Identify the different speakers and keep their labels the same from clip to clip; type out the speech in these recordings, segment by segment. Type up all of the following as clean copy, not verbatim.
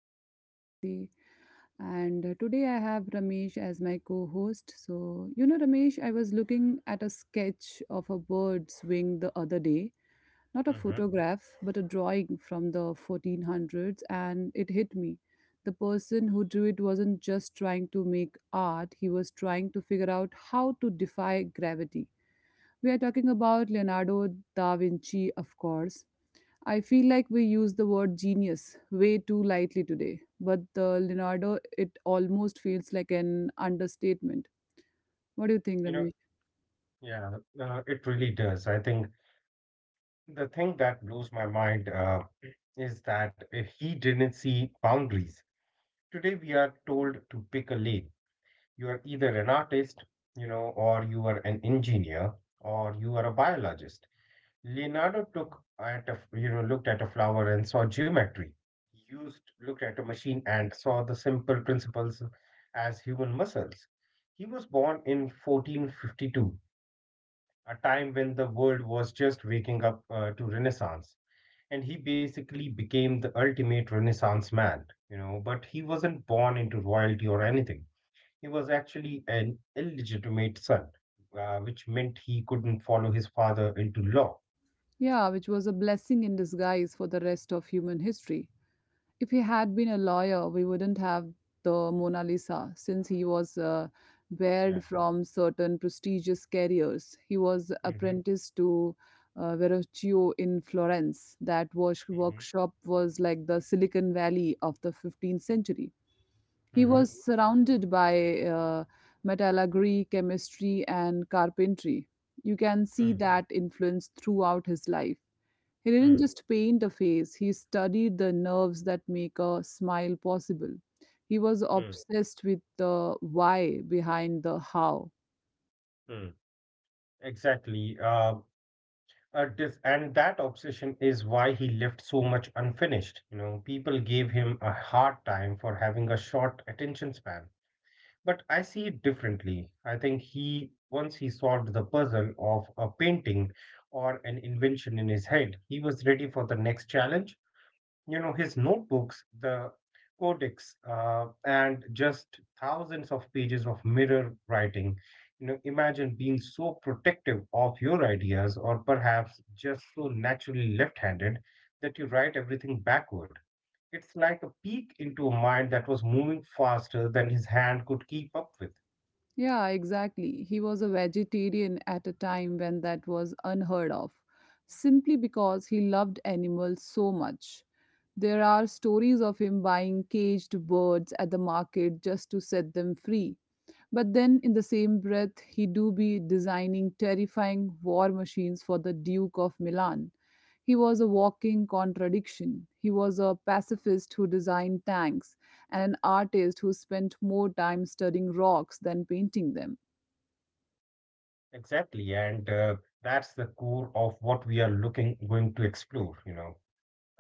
Speaker 1: with your host Samriti. And Today I have Ramesh as my co host. So, Ramesh, I was looking at a sketch of a bird's wing the other day, not a
Speaker 2: hmm
Speaker 1: photograph, but a drawing from the 1400s, and it hit me. The person who drew it wasn't just trying to make art, he was trying to figure out how to defy gravity. We are talking about Leonardo da Vinci, of course. I feel like we use the word genius way too lightly today, but the Leonardo, it almost feels like an understatement. What do you think,
Speaker 2: You know,
Speaker 1: Ramesh?
Speaker 2: yeah, it really does. I think the thing that blows my mind is that he didn't see boundaries. Today, we are told to pick a lane. You are either an artist, you know, or you are an engineer, or you are a biologist. Leonardo took at a, f- looked at a flower and saw geometry. Looked at a machine and saw the simple principles as human muscles. He was born in 1452, a time when the world was just waking up to Renaissance. And he basically became the ultimate Renaissance man, you know, but he wasn't born into royalty or anything. He was actually an illegitimate son, which meant he couldn't follow his father into law.
Speaker 1: Yeah, which was a blessing in disguise for the rest of human history. If he had been a lawyer, we wouldn't have the Mona Lisa, since he was
Speaker 2: Yeah.
Speaker 1: barred from certain prestigious careers. He was
Speaker 2: Mm-hmm.
Speaker 1: apprenticed to Verrocchio in Florence. That
Speaker 2: Mm-hmm.
Speaker 1: workshop was like the Silicon Valley of the 15th century. He
Speaker 2: Mm-hmm.
Speaker 1: was surrounded by metallurgy, chemistry, and carpentry. You can see
Speaker 2: Mm-hmm.
Speaker 1: that influence throughout his life. He didn't just paint a face, he studied the nerves that make a smile possible. He was
Speaker 2: Mm-hmm.
Speaker 1: obsessed with the why behind the how.
Speaker 2: Mm-hmm. Exactly. And that obsession is why he left so much unfinished. You know, people gave him a hard time for having a short attention span. But I see it differently. I think once he solved the puzzle of a painting or an invention in his head, he was ready for the next challenge. You know, his notebooks, the codex, and just thousands of pages of mirror writing. You know, imagine being so protective of your ideas, or perhaps just so naturally left-handed that you write everything backward. It's like a peek into a mind that was moving faster than his hand could keep up with.
Speaker 1: Yeah, exactly. He was a vegetarian at a time when that was unheard of, simply because he loved animals so much. There are stories of him buying caged birds at the market just to set them free. But then in the same breath, he do be designing terrifying war machines for the Duke of Milan. He was a walking contradiction. He was a pacifist who designed tanks and an artist who spent more time studying rocks than painting them.
Speaker 2: Exactly, and that's the core of what we are looking going to explore, you know.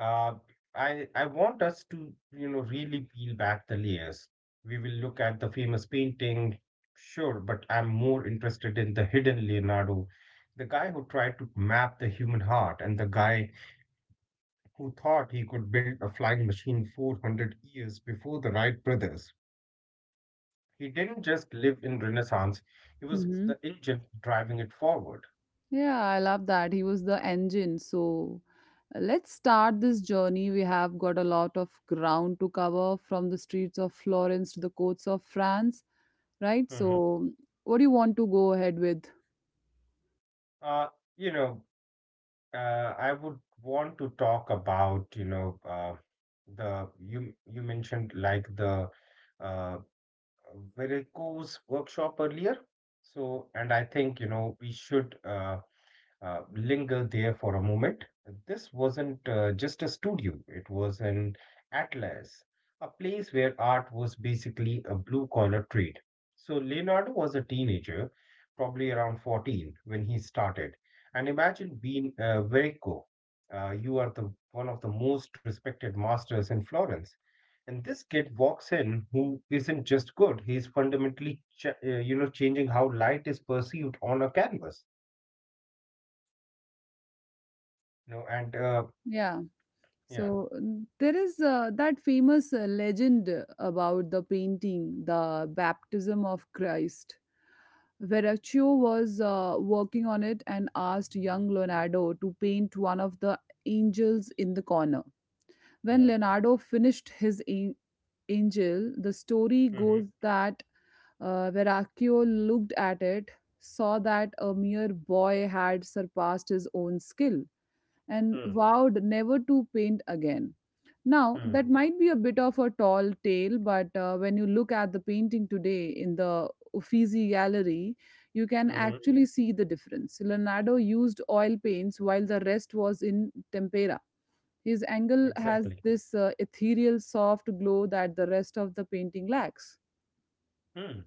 Speaker 2: Uh, I want us to, you know, really peel back the layers. We will look at the famous painting, sure, but I'm more interested in the hidden Leonardo, the guy who tried to map the human heart, and the guy who thought he could build a flying machine 400 years before the Wright brothers. He didn't just live in Renaissance, he was
Speaker 1: Hmm.
Speaker 2: the engine driving it forward.
Speaker 1: Yeah, I love that. He was the engine. So let's start this journey. We have got a lot of ground to cover from the streets of Florence to the courts of France, right?
Speaker 2: hmm
Speaker 1: So, what do you want to go ahead with?
Speaker 2: Uh, you know, I would want to talk about, you know, the you you mentioned like the uh, varicose workshop earlier. So, and I think, you know, we should linger there for a moment. This wasn't just a studio, it was an atlas, a place where art was basically a blue collar trade. So Leonardo was a teenager, probably around 14 when he started. And imagine being very cool. You are the one of the most respected masters in Florence. And this kid walks in who isn't just good, he's you know, changing how light is perceived on a canvas, you know. And
Speaker 1: Yeah.
Speaker 2: Yeah,
Speaker 1: So, there is that famous legend about the painting, The Baptism of Christ. Verrocchio was working on it and asked young Leonardo to paint one of the angels in the corner. When
Speaker 2: yeah.
Speaker 1: Leonardo finished his Angel, the story
Speaker 2: Mm-hmm.
Speaker 1: goes that Verrocchio looked at it, saw that a mere boy had surpassed his own skill, and
Speaker 2: Mm,
Speaker 1: vowed never to paint again. Now,
Speaker 2: mm,
Speaker 1: that might be a bit of a tall tale, but when you look at the painting today in the Uffizi Gallery, you can
Speaker 2: mm-hmm.
Speaker 1: actually see the difference. Leonardo used oil paints while the rest was in tempera. His angle has
Speaker 2: Exactly.
Speaker 1: this ethereal soft glow that the rest of the painting lacks.
Speaker 2: Mm.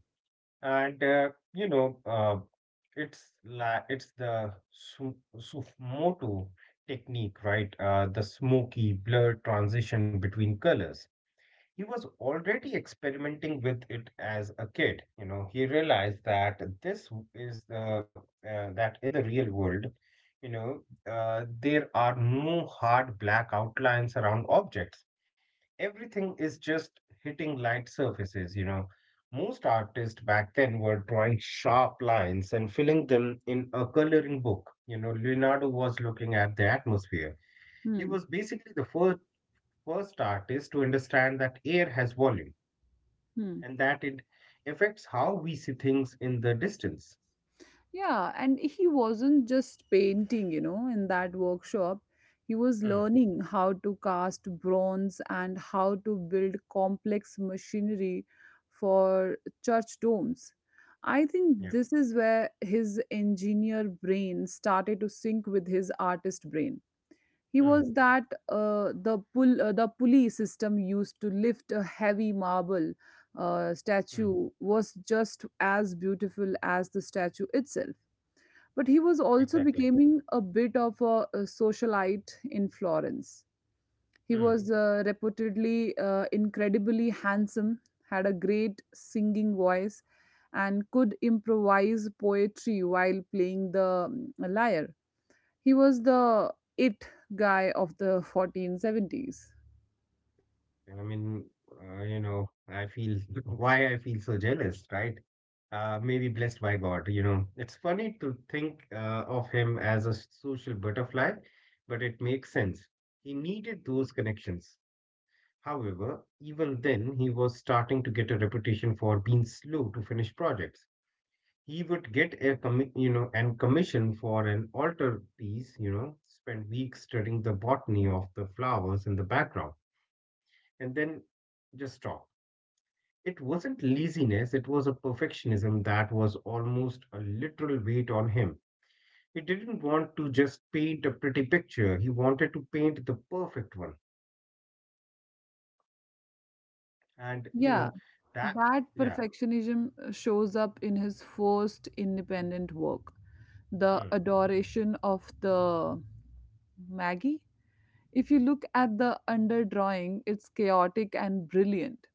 Speaker 2: And you know, it's like it's the su Sufmoto technique, right? The smoky blurred transition between colors. He was already experimenting with it as a kid. You know, he realized that this is the that in the real world, you know, there are no hard black outlines around objects. Everything is just hitting light surfaces, you know. Most artists back then were drawing sharp lines and filling them in a coloring book. You know, Leonardo was looking at the atmosphere. He
Speaker 1: Hmm.
Speaker 2: was basically the first artist to understand that air has volume
Speaker 1: Hmm.
Speaker 2: and that it affects how we see things in the distance.
Speaker 1: Yeah, and he wasn't just painting, you know, in that workshop. He was
Speaker 2: Hmm.
Speaker 1: learning how to cast bronze and how to build complex machinery for church domes. I think
Speaker 2: Yeah.
Speaker 1: this is where his engineer brain started to sync with his artist brain. He
Speaker 2: Hmm.
Speaker 1: was that the pulley system used to lift a heavy marble
Speaker 2: Hmm.
Speaker 1: statue was just as beautiful as the statue itself. But he was also
Speaker 2: Exactly.
Speaker 1: becoming a bit of a socialite in Florence. He
Speaker 2: Hmm.
Speaker 1: was reputedly incredibly handsome, had a great singing voice, and could improvise poetry while playing the lyre. He was the it guy of the 1470s.
Speaker 2: I mean, you know, I feel why I feel so jealous, right? Maybe blessed by God, you know. It's funny to think of him as a social butterfly, but it makes sense. He needed those connections. However, even then, he was starting to get a reputation for being slow to finish projects. He would get a you know, and commission for an altar piece, you know, spend weeks studying the botany of the flowers in the background, and then just stop. It wasn't laziness, it was a perfectionism that was almost a literal weight on him. He didn't want to just paint a pretty picture, he wanted to paint the perfect one. And, you know,
Speaker 1: Yeah,
Speaker 2: that,
Speaker 1: that
Speaker 2: yeah.
Speaker 1: perfectionism shows up in his first independent work, The
Speaker 2: Mm,
Speaker 1: Adoration of the Maggie. If you look at the underdrawing, it's chaotic and brilliant.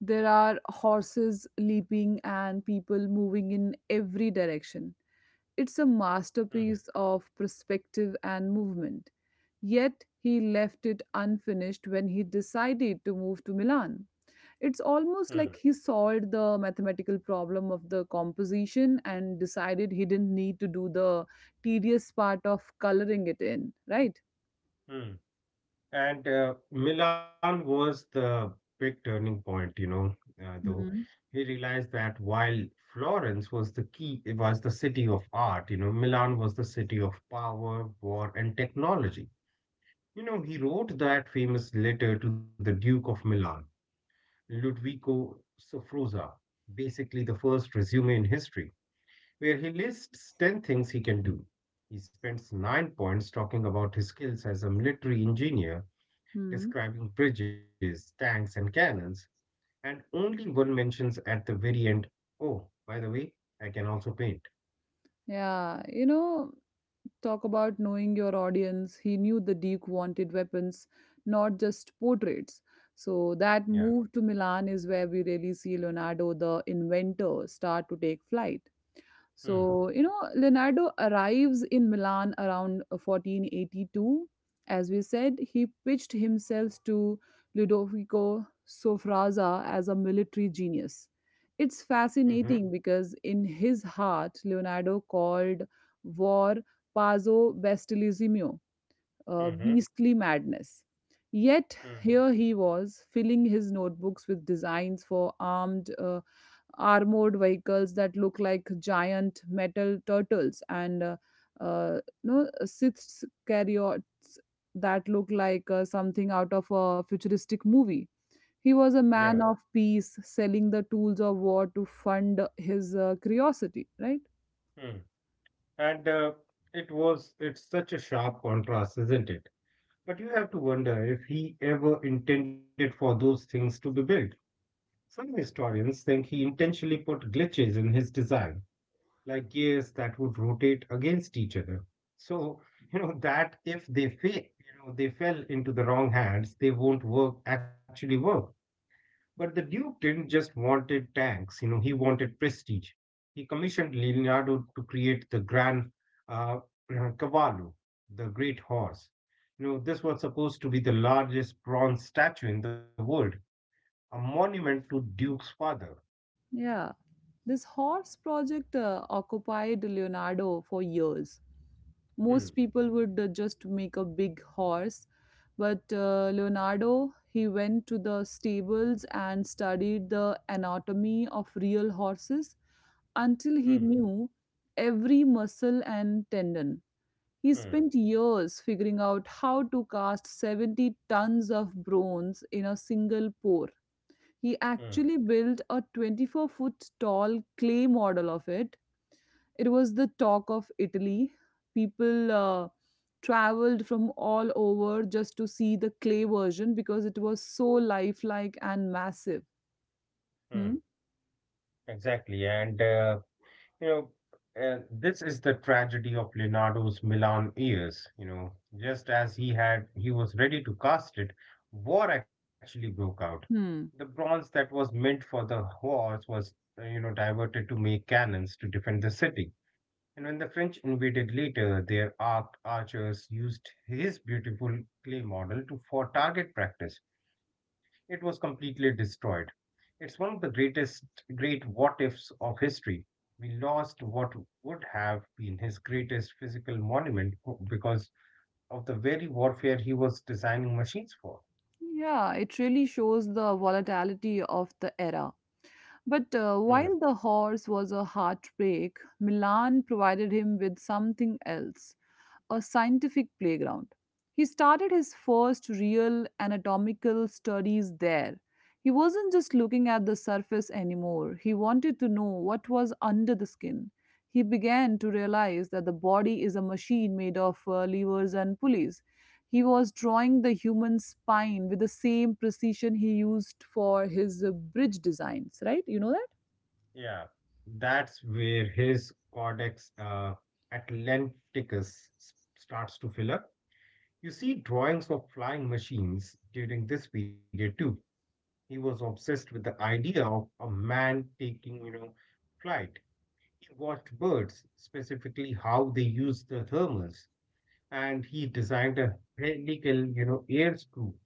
Speaker 1: There are horses leaping and people moving in every direction. It's a
Speaker 2: mm,
Speaker 1: masterpiece of perspective and movement. Yet he left it unfinished when he decided to move to Milan. It's
Speaker 2: mm,
Speaker 1: almost like he solved the mathematical problem of the composition and decided he didn't need to do the tedious part of coloring it in, right?
Speaker 2: mm. And Milan was the big turning point, you know, though.
Speaker 1: Hmm.
Speaker 2: He realized that while Florence was the key, it was the city of art, you know, Milan was the city of power, war, and technology. You know, he wrote that famous letter to the Duke of Milan, Ludovico Sforza, basically the first resume in history, where he lists 10 things he can do. He spends 9 points talking about his skills as a military engineer,
Speaker 1: Hmm.
Speaker 2: describing bridges, tanks, and cannons, and only one mentions at the very end, oh, by the way, I can also paint.
Speaker 1: Yeah, you know, talk about knowing your audience. He knew the Duke wanted weapons, not just portraits. So
Speaker 2: Yeah.
Speaker 1: that move to Milan is where we really see Leonardo, the inventor, start to take flight.
Speaker 2: Mm.
Speaker 1: So, you know, Leonardo arrives in Milan around 1482. As we said, he pitched himself to Ludovico Sforza as a military genius. It's
Speaker 2: Mm-hmm.
Speaker 1: fascinating because in his heart, Leonardo called war pazzo bestialismo,
Speaker 2: Mm-hmm.
Speaker 1: beastly madness. Yet
Speaker 2: Mm.
Speaker 1: here he was, filling his notebooks with designs for armed armored vehicles that look like giant metal turtles and no Sith chariots that look like something out of a futuristic movie. He was a
Speaker 2: Yeah.
Speaker 1: man of peace, selling the tools of war to fund his curiosity, right?
Speaker 2: Mm. And it's such a sharp contrast, isn't it? But you have to wonder if he ever intended for those things to be built. Some historians think he intentionally put glitches in his design, like gears that would rotate against each other. So, you know, that if they fail, you know, they fell into the wrong hands, they won't work, actually work. But the Duke didn't just wanted tanks, you know, he wanted prestige. He commissioned Leonardo to create the Gran uh, Cavallo, the Great Horse. You know, this was supposed to be the largest bronze statue in the world, a monument to Duke's father.
Speaker 1: Yeah. This horse project occupied Leonardo for years. Most
Speaker 2: Hmm,
Speaker 1: people would just make a big horse, but Leonardo, he went to the stables and studied the anatomy of real horses until he
Speaker 2: hmm,
Speaker 1: knew every muscle and tendon. He
Speaker 2: hmm,
Speaker 1: spent years figuring out how to cast 70 tons of bronze in a single pour. He
Speaker 2: hmm,
Speaker 1: actually built a 24-foot tall clay model of it. It was the talk of Italy. People traveled from all over just to see the clay version because it was so lifelike and massive.
Speaker 2: hmm.
Speaker 1: Hmm?
Speaker 2: Exactly, and you know, this is the tragedy of Leonardo's Milan years. You know, just as he had, he was ready to cast it, war actually broke out. The
Speaker 1: Hmm.
Speaker 2: bronze that was meant for the horse was, you know, diverted to make cannons to defend the city. And when the French invaded later, their archers used his beautiful clay model to for target practice. It was completely destroyed. It's one of the great what ifs of history. We lost what would have been his greatest physical monument because of the very warfare he was designing machines for.
Speaker 1: Yeah, it really shows the volatility of the era. But
Speaker 2: Hmm.
Speaker 1: while the horse was a heartbreak, Milan provided him with something else, a scientific playground. He started his first real anatomical studies there. He wasn't just looking at the surface anymore, he wanted to know what was under the skin. He began to realize that the body is a machine made of levers and pulleys. He was drawing the human spine with the same precision he used for his bridge designs, right? You know that?
Speaker 2: Yeah, that's where his Codex starts to fill up. You see drawings of flying machines during this period too. He was obsessed with the idea of a man taking, you know, flight. Watched birds, specifically how they use the thermals, and he designed a helical, you know, air screw,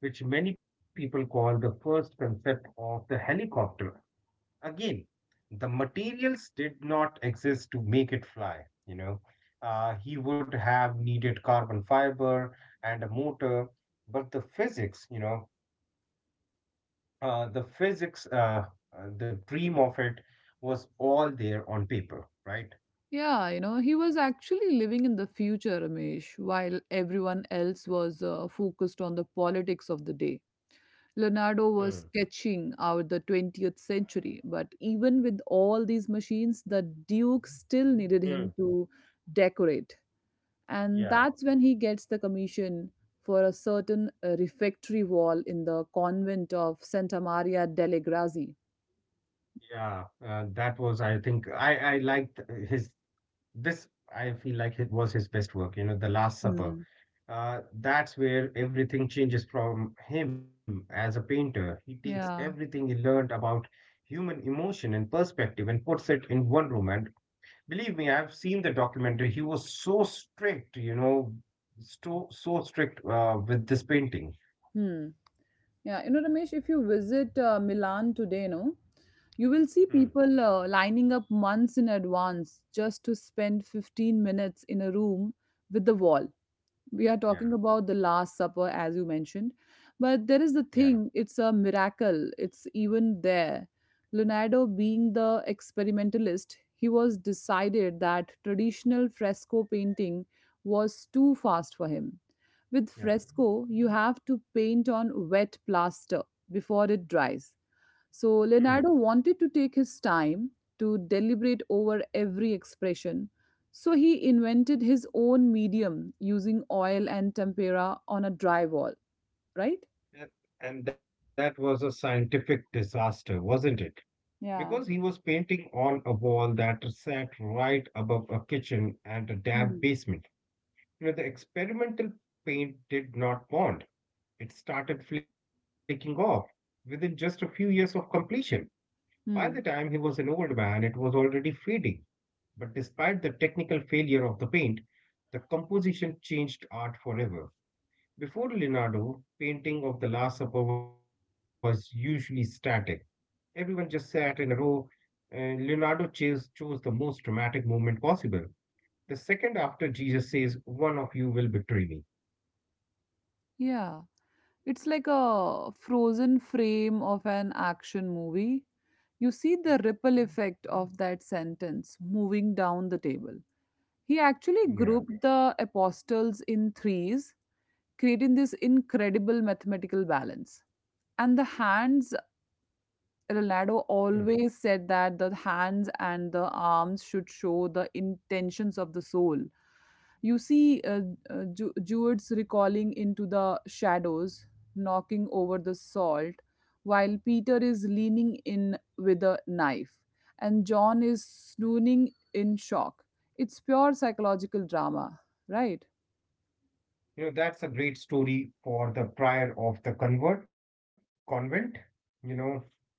Speaker 2: which many people call the first concept of the helicopter. Again, the materials did not exist to make it fly, you know. He would have needed carbon fiber and a motor, but the physics, you know, uh, the physics, uh, the dream of it was all there on paper, right?
Speaker 1: Yeah, you know, he was actually living in the future, Ramesh, while everyone else was focused on the politics of the day. Leonardo was
Speaker 2: Hmm.
Speaker 1: sketching out the 20th century, but even with all these machines, the Duke still needed him to decorate. And
Speaker 2: Yeah,
Speaker 1: that's when he gets the commission for a certain refectory wall in the convent of Santa Maria delle Grazie.
Speaker 2: yeah. I think, I liked his this. I feel like it was his best work. You know, The Last Supper.
Speaker 1: Hmm.
Speaker 2: That's where everything changes from him as a painter. He takes
Speaker 1: Yeah.
Speaker 2: everything he learned about human emotion and perspective and puts it in one room. And believe me, I've seen the documentary. He was so strict, you know, so strict with this painting.
Speaker 1: Hmm. Yeah, you know, Ramesh, if you visit Milan today, no, you will
Speaker 2: Hmm.
Speaker 1: see people lining up months in advance just to spend 15 minutes in a room with the wall. We are
Speaker 2: Yeah,
Speaker 1: talking about the last supper, as you mentioned, but there is
Speaker 2: yeah,
Speaker 1: the thing, it's a miracle it's even there. Leonardo, being the experimentalist he was, decided that traditional fresco painting was too fast for him. With
Speaker 2: yeah.
Speaker 1: fresco, you have to paint on wet plaster before it dries, so
Speaker 2: Hmm.
Speaker 1: Leonardo wanted to take his time to deliberate over every expression. So he invented his own medium using oil and tempera on a dry wall, right?
Speaker 2: And, and that was a scientific disaster, wasn't it? Because he was
Speaker 1: Yeah.
Speaker 2: painting on a wall that sat right above a kitchen and a damp
Speaker 1: Hmm.
Speaker 2: basement. You know, the experimental paint did not bond. It started flaking off within just a few years of completion. By the time he
Speaker 1: Hmm.
Speaker 2: was an old man, it was already fading. But despite the technical failure of the paint, the composition changed art forever. Before Leonardo, painting of the Last Supper was usually static. Everyone just sat in a row, and Leonardo chose the most dramatic moment possible. The second after Jesus says, one of you will betray me.
Speaker 1: Yeah. It's like a frozen frame of an action movie. You
Speaker 2: Hmm.
Speaker 1: see the ripple effect of that sentence moving down the table. He actually
Speaker 2: Yeah.
Speaker 1: grouped the apostles in threes, creating this incredible mathematical balance. And the hands,
Speaker 2: Hmm.
Speaker 1: Ronaldo always said that the hands and the arms should show the intentions of the soul. You see, Jude's recalling into the shadows, knocking over the salt, while Peter is leaning in with a knife, and John is swooning in shock. It's pure psychological drama, right?
Speaker 2: You know, that's a great story for the prior of the convert convent, you know,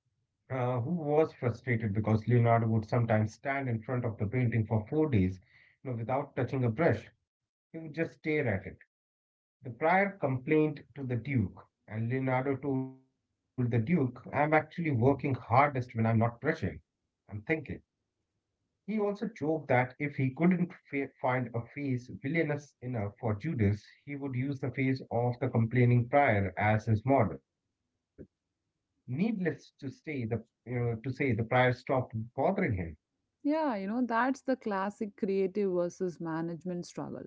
Speaker 2: who was frustrated because Leonardo would sometimes stand in front of the painting for 4 days, you know, without touching a brush. He would just stare at it. The prior complained to the duke, and Leonardo told the duke, I'm actually working hardest when I'm not brushing. I'm thinking. He also joked that if he couldn't find a face villainous enough for Judas, he would use the face of the complaining prior as his model. Needless to say, the prior stopped bothering him.
Speaker 1: Yeah, you know, that's the classic creative versus management struggle.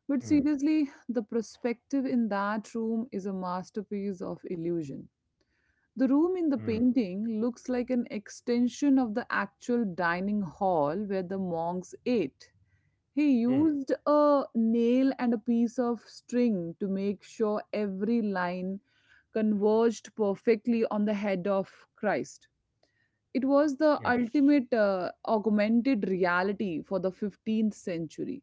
Speaker 2: Hmm,
Speaker 1: But seriously, the perspective in that room is a masterpiece of illusion.
Speaker 2: hmm,
Speaker 1: The room in the painting looks like an extension of the actual dining hall where the monks ate. He
Speaker 2: hmm.
Speaker 1: used a nail and a piece of string to make sure every line converged perfectly on the head of Christ. It
Speaker 2: Yeah.
Speaker 1: was the ultimate augmented reality for the 15th century.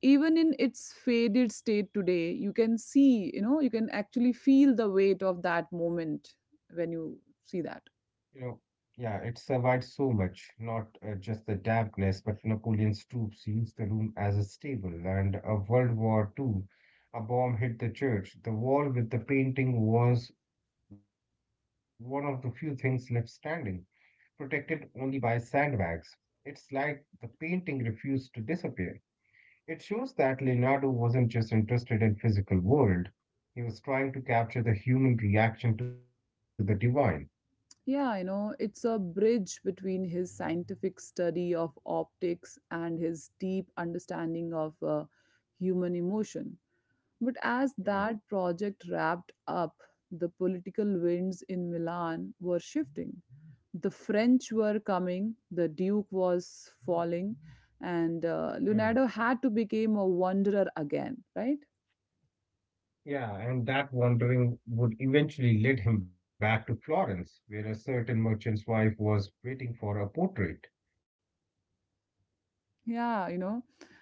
Speaker 1: Even in its faded state today, you can see, you know, you can actually feel the weight of that moment when you see
Speaker 2: You
Speaker 1: that.
Speaker 2: know, yeah, it survived so much, not just the dampness, but Napoleon's troops used the room as a stable. And a World War II, a bomb hit the church. The wall with the painting was one of the few things left standing, protected only by sandbags. It's like the painting refused to disappear. It shows that Leonardo wasn't just interested in physical world. He was trying to capture the human reaction to the divine.
Speaker 1: Yeah, you know, it's a bridge between his scientific study of optics and his deep understanding of human emotion. But as
Speaker 2: Hmm,
Speaker 1: that project wrapped up, the political winds in Milan were shifting. The French were coming, the Duke was falling, and
Speaker 2: hmm.
Speaker 1: Leonardo had to become a wanderer again, right?
Speaker 2: Yeah, and that wandering would eventually lead him back to Florence, where a certain merchant's wife was waiting for a portrait.
Speaker 1: Yeah, you know.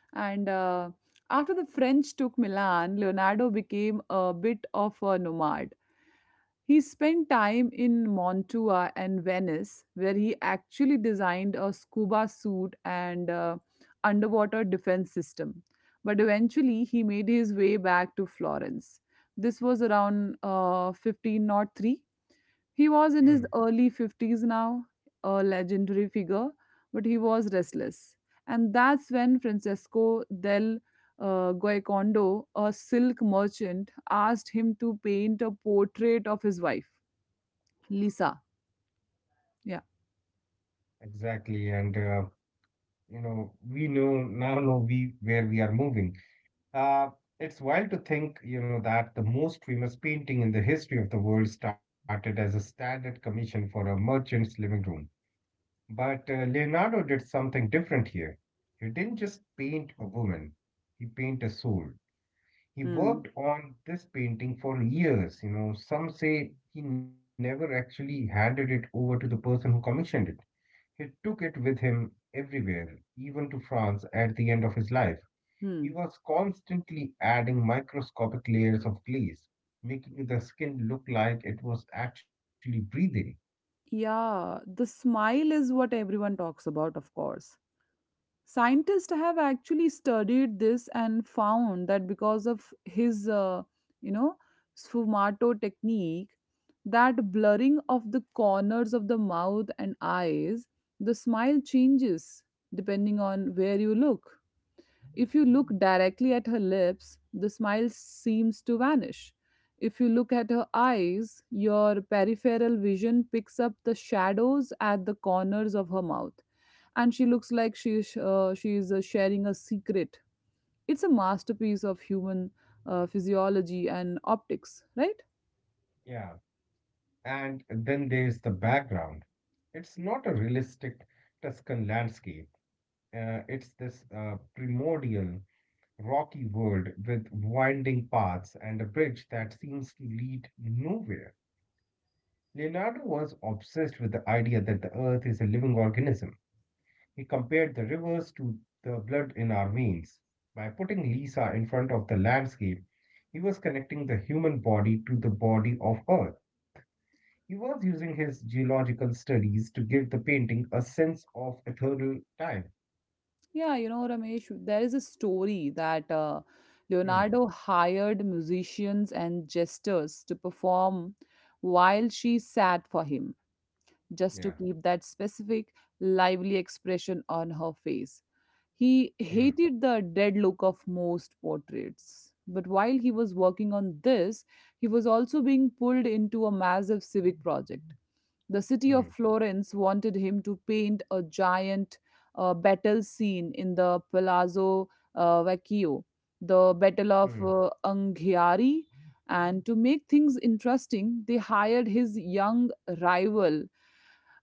Speaker 1: And After the French took Milan, Leonardo became a bit of a nomad. He spent time in Montua and Venice, where he actually designed a scuba suit and underwater defense system. But eventually, he made his way back to Florence. This was around 15 not 3. He was
Speaker 2: Hmm.
Speaker 1: in his early 50s now, a legendary figure, but he was restless. And that's when Francesco del Guaicondo, a silk merchant, asked him to paint a portrait of his wife. Lisa. Yeah.
Speaker 2: Exactly, and you know, we where we are moving. Uh, it's wild to think, you know, that the most famous painting in the history of the world started as a standard commission for a merchant's living room. But Leonardo did something different here. He didn't just paint a woman; he painted a soul. He
Speaker 1: Hmm.
Speaker 2: worked on this painting for years. You know, some say he never actually handed it over to the person who commissioned it. He took it with him everywhere, even to France at the end of his life. He
Speaker 1: Hmm.
Speaker 2: was constantly adding microscopic layers of glaze, making the skin look like it was actually breathing.
Speaker 1: Yeah, the smile is what everyone talks about, of course. Scientists have actually studied this and found that because of his, you know, sfumato technique, that blurring of the corners of the mouth and eyes, the smile changes depending on where you look. If you look directly at her lips, the smile seems to vanish. If you look at her eyes, your peripheral vision picks up the shadows at the corners of her mouth. And she looks like she's sharing a secret. It's a masterpiece of human physiology and optics, right?
Speaker 2: Yeah. And then there's the background. It's not a realistic Tuscan landscape. It's this primordial rocky world with winding paths and a bridge that seems to lead nowhere. Leonardo was obsessed with the idea that the earth is a living organism. He compared the rivers to the blood in our veins. By putting Lisa in front of the landscape, he was connecting the human body to the body of earth. He was using his geological studies to give the painting a sense of ethereal time.
Speaker 1: Yeah, you know, Ramesh, there is a story that
Speaker 2: Hmm.
Speaker 1: Leonardo hired musicians and jesters to perform while she sat for him, just to
Speaker 2: Yeah.
Speaker 1: keep that specific, lively expression on her face. He
Speaker 2: Hmm.
Speaker 1: hated the dead look of most portraits. But while he was working on this, he was also being pulled into a massive civic project. The city
Speaker 2: Hmm.
Speaker 1: of Florence wanted him to paint a giant battle scene in the Palazzo Vecchio, the Battle of
Speaker 2: Hmm.
Speaker 1: Anghiari. And to make things interesting, they hired his young rival,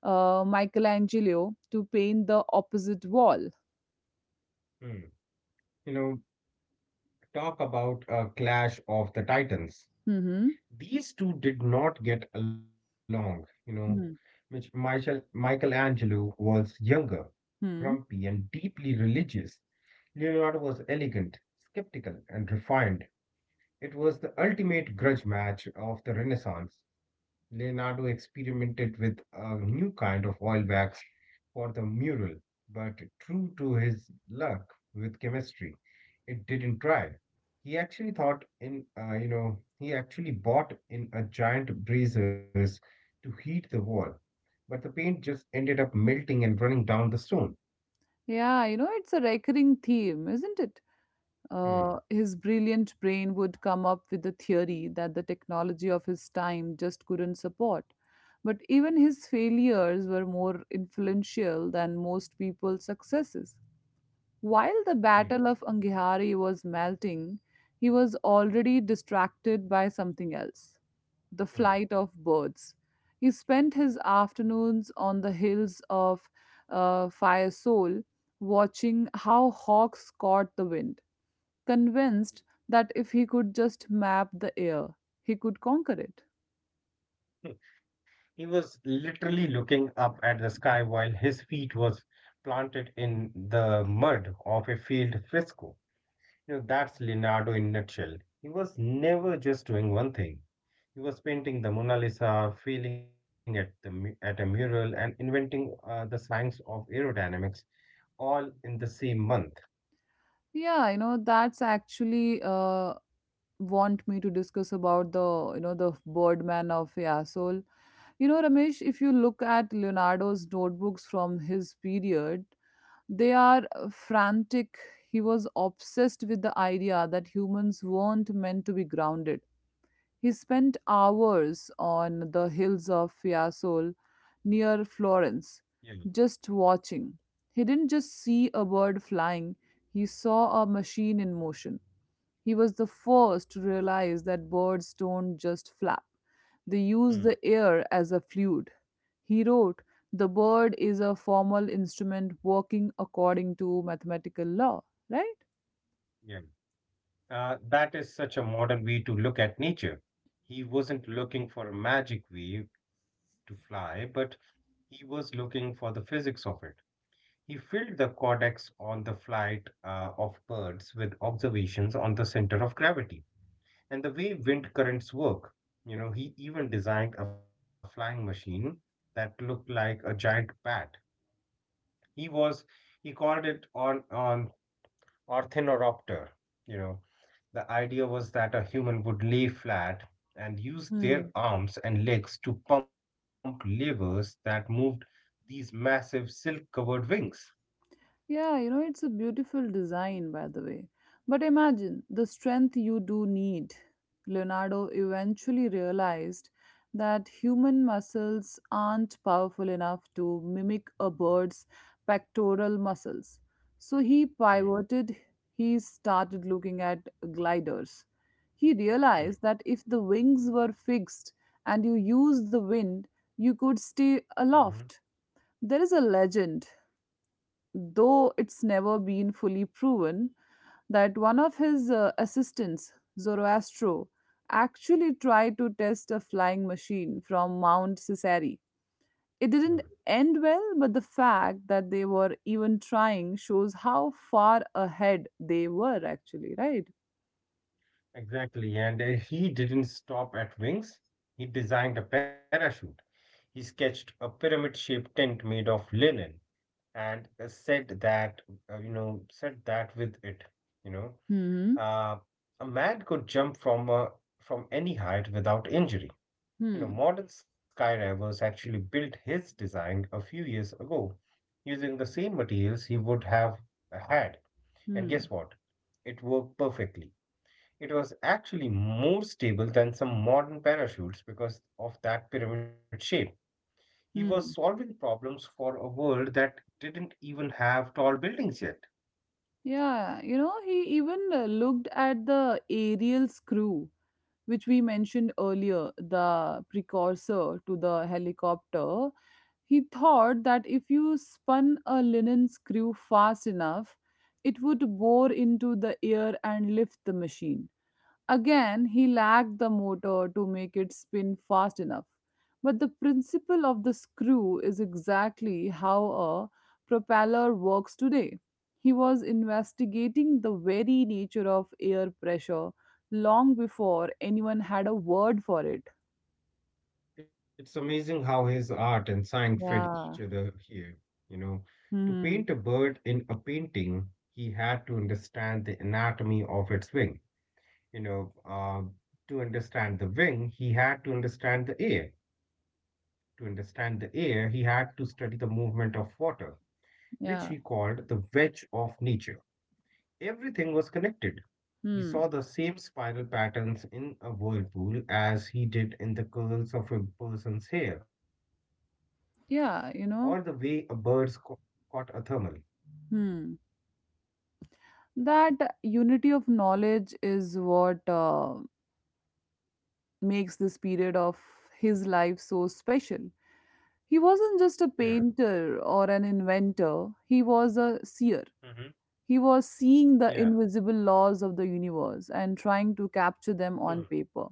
Speaker 1: Michelangelo, to paint the opposite wall.
Speaker 2: Hmm. You know, talk about a clash of the titans.
Speaker 1: Hmm.
Speaker 2: These two did not get along, you know. Which Michelangelo was younger, grumpy,
Speaker 1: Hmm.
Speaker 2: and deeply religious. Leonardo was elegant, skeptical, and refined. It was the ultimate grudge match of the Renaissance. Leonardo experimented with a new kind of oil wax for the mural, but true to his luck with chemistry, it didn't dry. He actually thought in, you know, he actually bought in a giant braziers to heat the wall, but the paint just ended up melting and running down the stone.
Speaker 1: Yeah, you know, it's a recurring theme, isn't it?
Speaker 2: Hmm,
Speaker 1: His brilliant brain would come up with a theory that the technology of his time just couldn't support. But even his failures were more influential than most people's successes. While the
Speaker 2: hmm,
Speaker 1: Battle of Angihari was melting, he was already distracted by something else: the
Speaker 2: hmm.
Speaker 1: flight of birds. He spent his afternoons on the hills of Firesole, watching how hawks caught the wind, convinced that if he could just map the air, he could conquer it.
Speaker 2: He was literally looking up at the sky while his feet was planted in the mud of a field fresco. You know, that's Leonardo in a nutshell. He was never just doing one thing. He was painting the Mona Lisa, feeling at the mu- at a mural, and inventing the science of aerodynamics all in the same month.
Speaker 1: Yeah, you know, that's actually want me to discuss about the, you know, the Birdman of Yasol. You know, Ramesh, if you look at Leonardo's notebooks from his period, they are frantic. He was obsessed with the idea that humans weren't meant to be grounded. He spent hours on the hills of Fiesole near Florence,
Speaker 2: Yeah.
Speaker 1: just watching. He didn't just see a bird flying, he saw a machine in motion. He was the first to realize that birds don't just flap, they use
Speaker 2: Mm,
Speaker 1: the air as a fluid. He wrote, the bird is a formal instrument working according to mathematical law, right?
Speaker 2: yeah. That is such a modern way to look at nature. He wasn't looking for a magic wave to fly, but he was looking for the physics of it. He filled the codex on the flight of birds with observations on the center of gravity and the way wind currents work. You know, he even designed a flying machine that looked like a giant bat. He was he called it on Ornithoropter. You know, the idea was that a human would lay flat and use their arms and legs to pump levers that moved these massive silk covered wings.
Speaker 1: Yeah, you know, it's a beautiful design, by the way. But imagine the strength you do need. Leonardo eventually realized that human muscles aren't powerful enough to mimic a bird's pectoral muscles. So he
Speaker 2: Mm,
Speaker 1: pivoted, he started looking at gliders. He
Speaker 2: mm,
Speaker 1: realized that if the wings were fixed and you used the wind, you could stay
Speaker 2: mhm,
Speaker 1: aloft. There is a legend, though it's never been fully proven, that one of his assistants, Zoroastro, actually tried to test a flying machine from Mount Caesarea. It didn't
Speaker 2: mm.
Speaker 1: end well, but the fact that they were even trying shows how far ahead they were actually, right?
Speaker 2: Exactly. And he didn't stop at wings. He designed a parachute. He sketched a pyramid-shaped tent made of linen and said that, you know, said that with it, you know,
Speaker 1: Hmm.
Speaker 2: uh, a man could jump from any height without injury. You know,
Speaker 1: Hmm.
Speaker 2: modern skydivers actually built his design a few years ago using the same materials he would have had. And guess
Speaker 1: Hmm.
Speaker 2: what? It worked perfectly. It was actually more stable than some modern parachutes because of that pyramid shape. He was
Speaker 1: Hmm.
Speaker 2: solving problems for a world that didn't even have tall buildings yet.
Speaker 1: Yeah, you know, he even looked at the aerial screw, which we mentioned earlier, the precursor to the helicopter. He thought that if you spun a linen screw fast enough, it would bore into the air and lift the machine. Again, he lacked the motor to make it spin fast enough. But the principle of the screw is exactly how a propeller works today. He was investigating the very nature of air pressure long before anyone had a word for it.
Speaker 2: It's amazing how his art and science fed each
Speaker 1: Yeah.
Speaker 2: other here. You know, to
Speaker 1: Hmm.
Speaker 2: paint a bird in a painting, he had to understand the anatomy of its wing. You know, uh, to understand the wing, he had to understand the air. To understand the air, he had to study the movement of water which he
Speaker 1: Yeah.
Speaker 2: called the wedge of nature. Everything was connected. He saw
Speaker 1: Hmm.
Speaker 2: the same spiral patterns in a whirlpool as he did in the curls of a person's hair, or the way a
Speaker 1: Yeah.
Speaker 2: bird's
Speaker 1: You
Speaker 2: co-
Speaker 1: know.
Speaker 2: caught a thermal.
Speaker 1: Hmm. That unity of knowledge is what makes this period of his life so special. He
Speaker 2: Yeah.
Speaker 1: wasn't just a painter or an inventor, he was a
Speaker 2: hmm
Speaker 1: seer. He was
Speaker 2: Yeah.
Speaker 1: seeing the invisible laws of the universe and trying to
Speaker 2: Hmm.
Speaker 1: capture them on paper.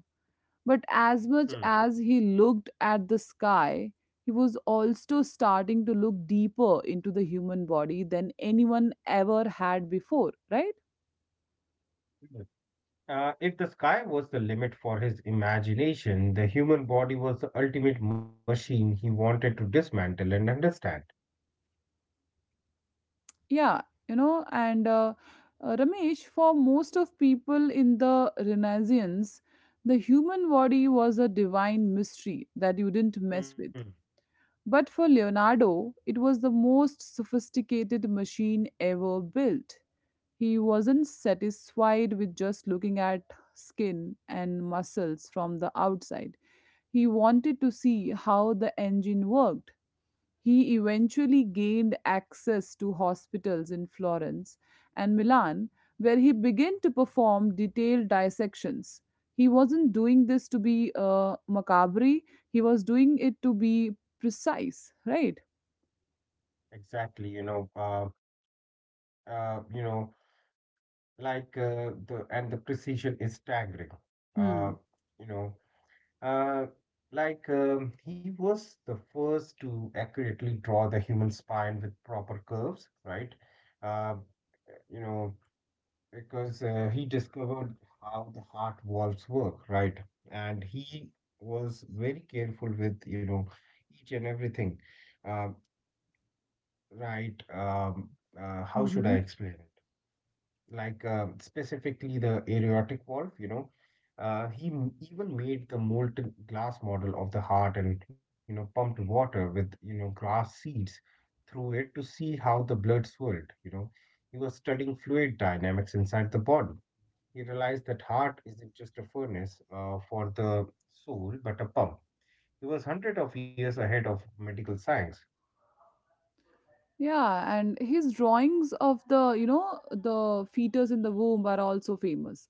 Speaker 1: But
Speaker 2: Hmm.
Speaker 1: as much as he looked at the sky, he was also starting to look deeper into the human body than anyone ever had before, right?
Speaker 2: Mhm. If the sky was the limit for his imagination, the human body was the ultimate machine he wanted to dismantle and understand.
Speaker 1: Yeah, you know, and Ramesh, for most of people in the Renaissance, the human body was a divine mystery that you didn't mess
Speaker 2: Hmm.
Speaker 1: with. But for Leonardo, it was the most sophisticated machine ever built. He wasn't satisfied with just looking at skin and muscles from the outside. He wanted to see how the engine worked. He eventually gained access to hospitals in Florence and Milan, where he began to perform detailed dissections. He wasn't doing this to be macabre, he was doing it to be precise, right?
Speaker 2: Exactly. You know. The precision is staggering uh
Speaker 1: Hmm.
Speaker 2: you know uh he was the first to accurately draw the human spine with proper curves, right. uh you know because He discovered how the heart valves work, right, and he was very careful with, you know, each and everything. Uh, right how should I
Speaker 1: Hmm.
Speaker 2: explain it like Specifically the aortic valve, you know. Even made the molten glass model of the heart and, you know, pumped water with, you know, grass seeds through it to see how the blood swirled, you know. He was studying fluid dynamics inside the body. He realized that heart isn't just a furnace for the soul, but a pump. He was hundred of years ahead of medical science.
Speaker 1: Yeah, and his drawings of the, you know, the fetus in the womb are also famous.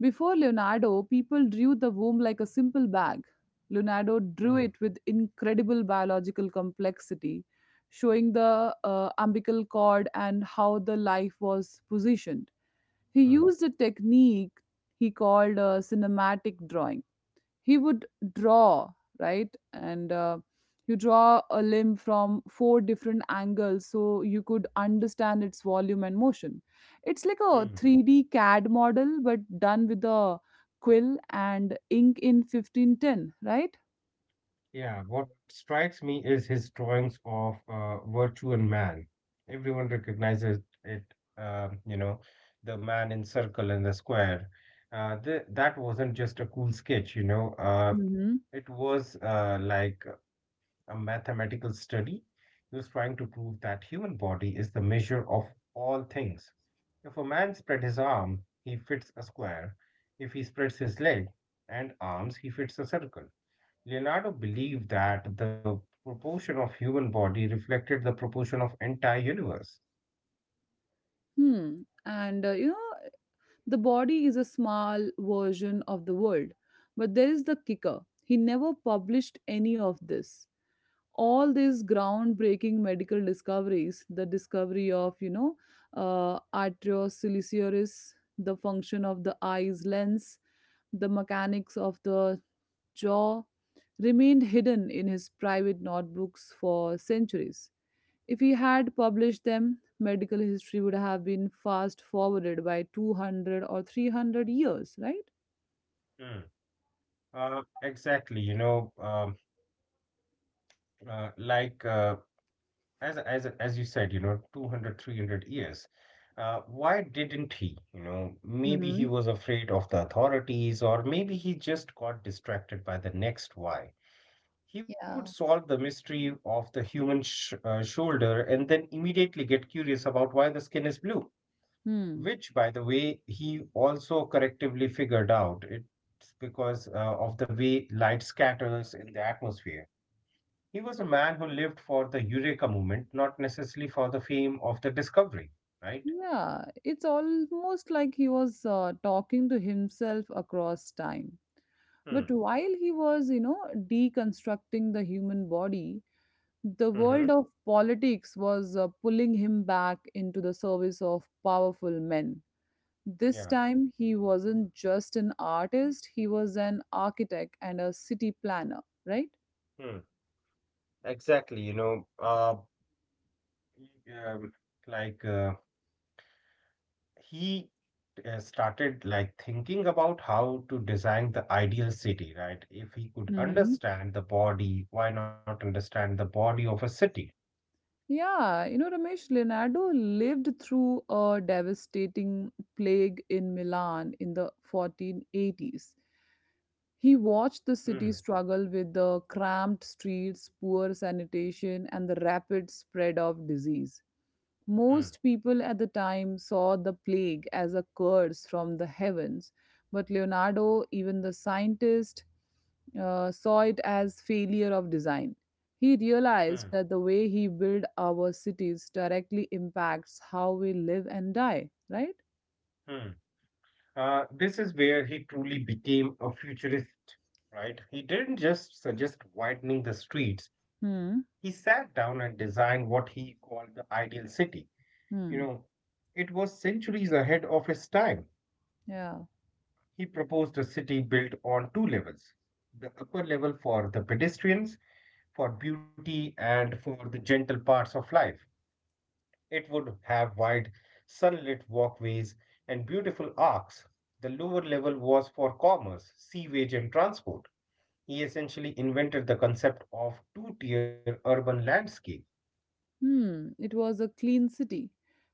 Speaker 1: Before Leonardo, people drew the womb like a simple bag. Leonardo drew it
Speaker 2: Mm,
Speaker 1: with incredible biological complexity, showing the umbilical cord and how the life was positioned. He used
Speaker 2: mm,
Speaker 1: a technique he called cinematic drawing. He would draw, right, and you draw a limb from four different angles so you could understand its volume and motion. It's like a
Speaker 2: mm.
Speaker 1: 3D cad model, but done with a quill and ink in 1510, right?
Speaker 2: Yeah, what strikes me is his drawings of virtue and man. Everyone recognizes it, uh, you know, the man in circle and the square. Th that wasn't just a cool sketch, you know. Uh,
Speaker 1: Hmm.
Speaker 2: it was uh, like a mathematical study. He was trying to prove that human body is the measure of all things. If a man spread his arm, he fits a square. If he spreads his leg and arms, he fits a circle. Leonardo believed that the proportion of human body reflected the proportion of entire universe.
Speaker 1: Hmm. And you know, the body is a small version of the world. But there is the kicker: he never published any of this. All these groundbreaking medical discoveries, the discovery of, you know, arterioceles, the function of the eye's lens, the mechanics of the jaw, remained hidden in his private notebooks for centuries. If he had published them, medical history would have been fast forwarded by 200 or 300 years, right?
Speaker 2: Hmm. Exactly, you know. Um, uh, like uh, as as as you said, you know, 200, 300 years. Why didn't he? You know, maybe he
Speaker 1: Hmm.
Speaker 2: was afraid of the authorities, or maybe he just got distracted by the next why. He would
Speaker 1: Yeah.
Speaker 2: solve the mystery of the human shoulder and then immediately get curious about why the skin is blue,
Speaker 1: Hmm.
Speaker 2: which, by the way, he also correctively figured out. It's because of the way light scatters in the atmosphere. He was a man who lived for the Eureka movement, not necessarily for the fame of the discovery, right?
Speaker 1: Yeah, it's almost like he was talking to himself across time. But
Speaker 2: Hmm.
Speaker 1: while he was, you know, deconstructing the human body, the
Speaker 2: Mm-hmm.
Speaker 1: world of politics was pulling him back into the service of powerful men. This
Speaker 2: Yeah.
Speaker 1: time, he wasn't just an artist, he was an architect and a city planner, right?
Speaker 2: Hmm, exactly. You know, he, um, like he Started like thinking about how to design the ideal city, right? If he could understand the body, why not understand the body of a city?
Speaker 1: Yeah, you know, Ramesh, Leonardo lived through a devastating plague in Milan in the 1480s. He watched the city
Speaker 2: Hmm,
Speaker 1: struggle with the cramped streets, poor sanitation, and the rapid spread of disease.
Speaker 2: hmm,
Speaker 1: Most people at the time saw the plague as a curse from the heavens, but Leonardo, even the scientist, saw it as failure of design. He
Speaker 2: hmm,
Speaker 1: realized that the way he built our cities directly impacts how we live and die, right?
Speaker 2: hmm. This is where he truly became a futurist, right? He didn't just suggest widening the streets.
Speaker 1: Hmm.
Speaker 2: He sat down and designed what he called the ideal city. You
Speaker 1: Hmm.
Speaker 2: know, it was centuries ahead of its time.
Speaker 1: Yeah.
Speaker 2: He proposed a city built on two levels: the upper level for the pedestrians, for beauty, and for the gentle parts of life. It would have wide, sunlit walkways and beautiful arcs. The lower level was for commerce, sewage, and transport. He essentially invented the concept of two tier urban landscape.
Speaker 1: Hmm, it was a clean city.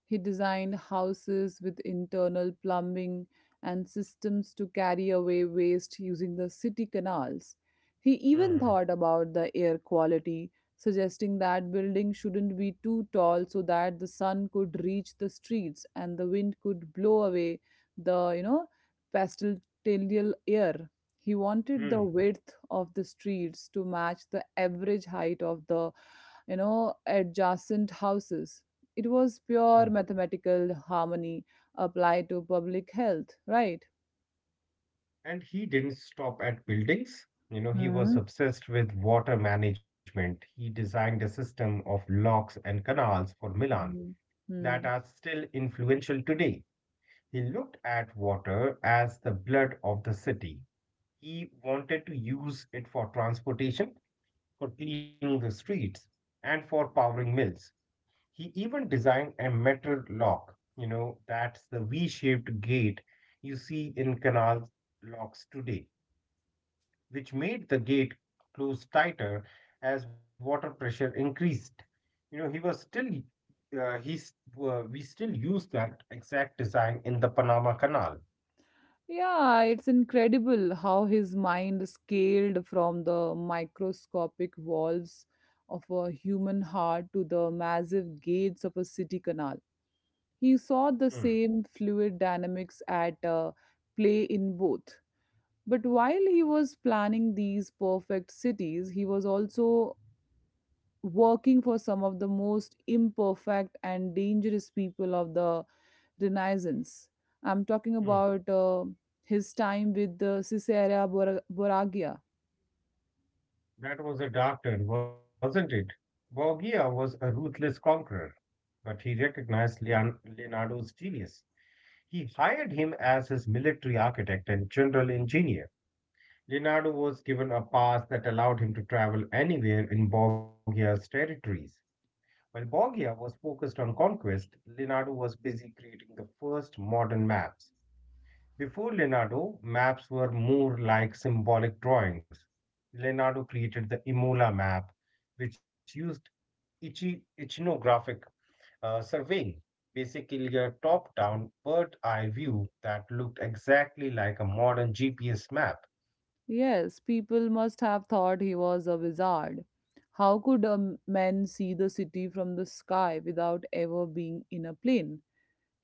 Speaker 1: He designed houses with internal plumbing and systems to carry away waste using the city canals. He even
Speaker 2: Mhm.
Speaker 1: thought about the air quality, suggesting that buildings shouldn't be too tall so that the sun could reach the streets and the wind could blow away the, you know, pestilential air. He wanted the width of the streets to match the average height of the, you know, adjacent houses. It was
Speaker 2: Hmm.
Speaker 1: pure mathematical harmony applied to public health, right?
Speaker 2: And he didn't stop at buildings. You know, he was
Speaker 1: Hmm.
Speaker 2: obsessed with water management. He designed a system of locks and canals for Milan
Speaker 1: Mhm.
Speaker 2: that
Speaker 1: Hmm.
Speaker 2: are still influential today. He looked at water as the blood of the city. He wanted to use it for transportation, for cleaning the streets, and for powering mills. He even designed a metal lock, you know, that's the V shaped gate you see in canal locks today, which made the gate close tighter as water pressure increased. You know, he was still, he's, We still use that exact design in the Panama Canal.
Speaker 1: Yeah, it's incredible how his mind scaled from the microscopic walls of a human heart to the massive gates of a city canal. He saw
Speaker 2: Hmm.
Speaker 1: the same fluid dynamics at play in both. But while he was planning these perfect cities, he was also working for some of the most imperfect and dangerous people of the Renaissance. I'm talking
Speaker 2: Hmm.
Speaker 1: about his time with Caesarea Bor- Borgia.
Speaker 2: That was a dark turn, wasn't it? Borgia was a ruthless conqueror, but he recognized Leonardo's genius. He hired him as his military architect and general engineer. Leonardo was given a pass that allowed him to travel anywhere in Borgia's territories. While Borgia was focused on conquest, Leonardo was busy creating the first modern maps. Before Leonardo, maps were more like symbolic drawings. Leonardo created the Imola map, which used ichnographic surveying, basically a top down bird eye view that looked exactly like a modern GPS map.
Speaker 1: Yes, people must have thought he was a wizard. How could a man see the city from the sky without ever being in a plane?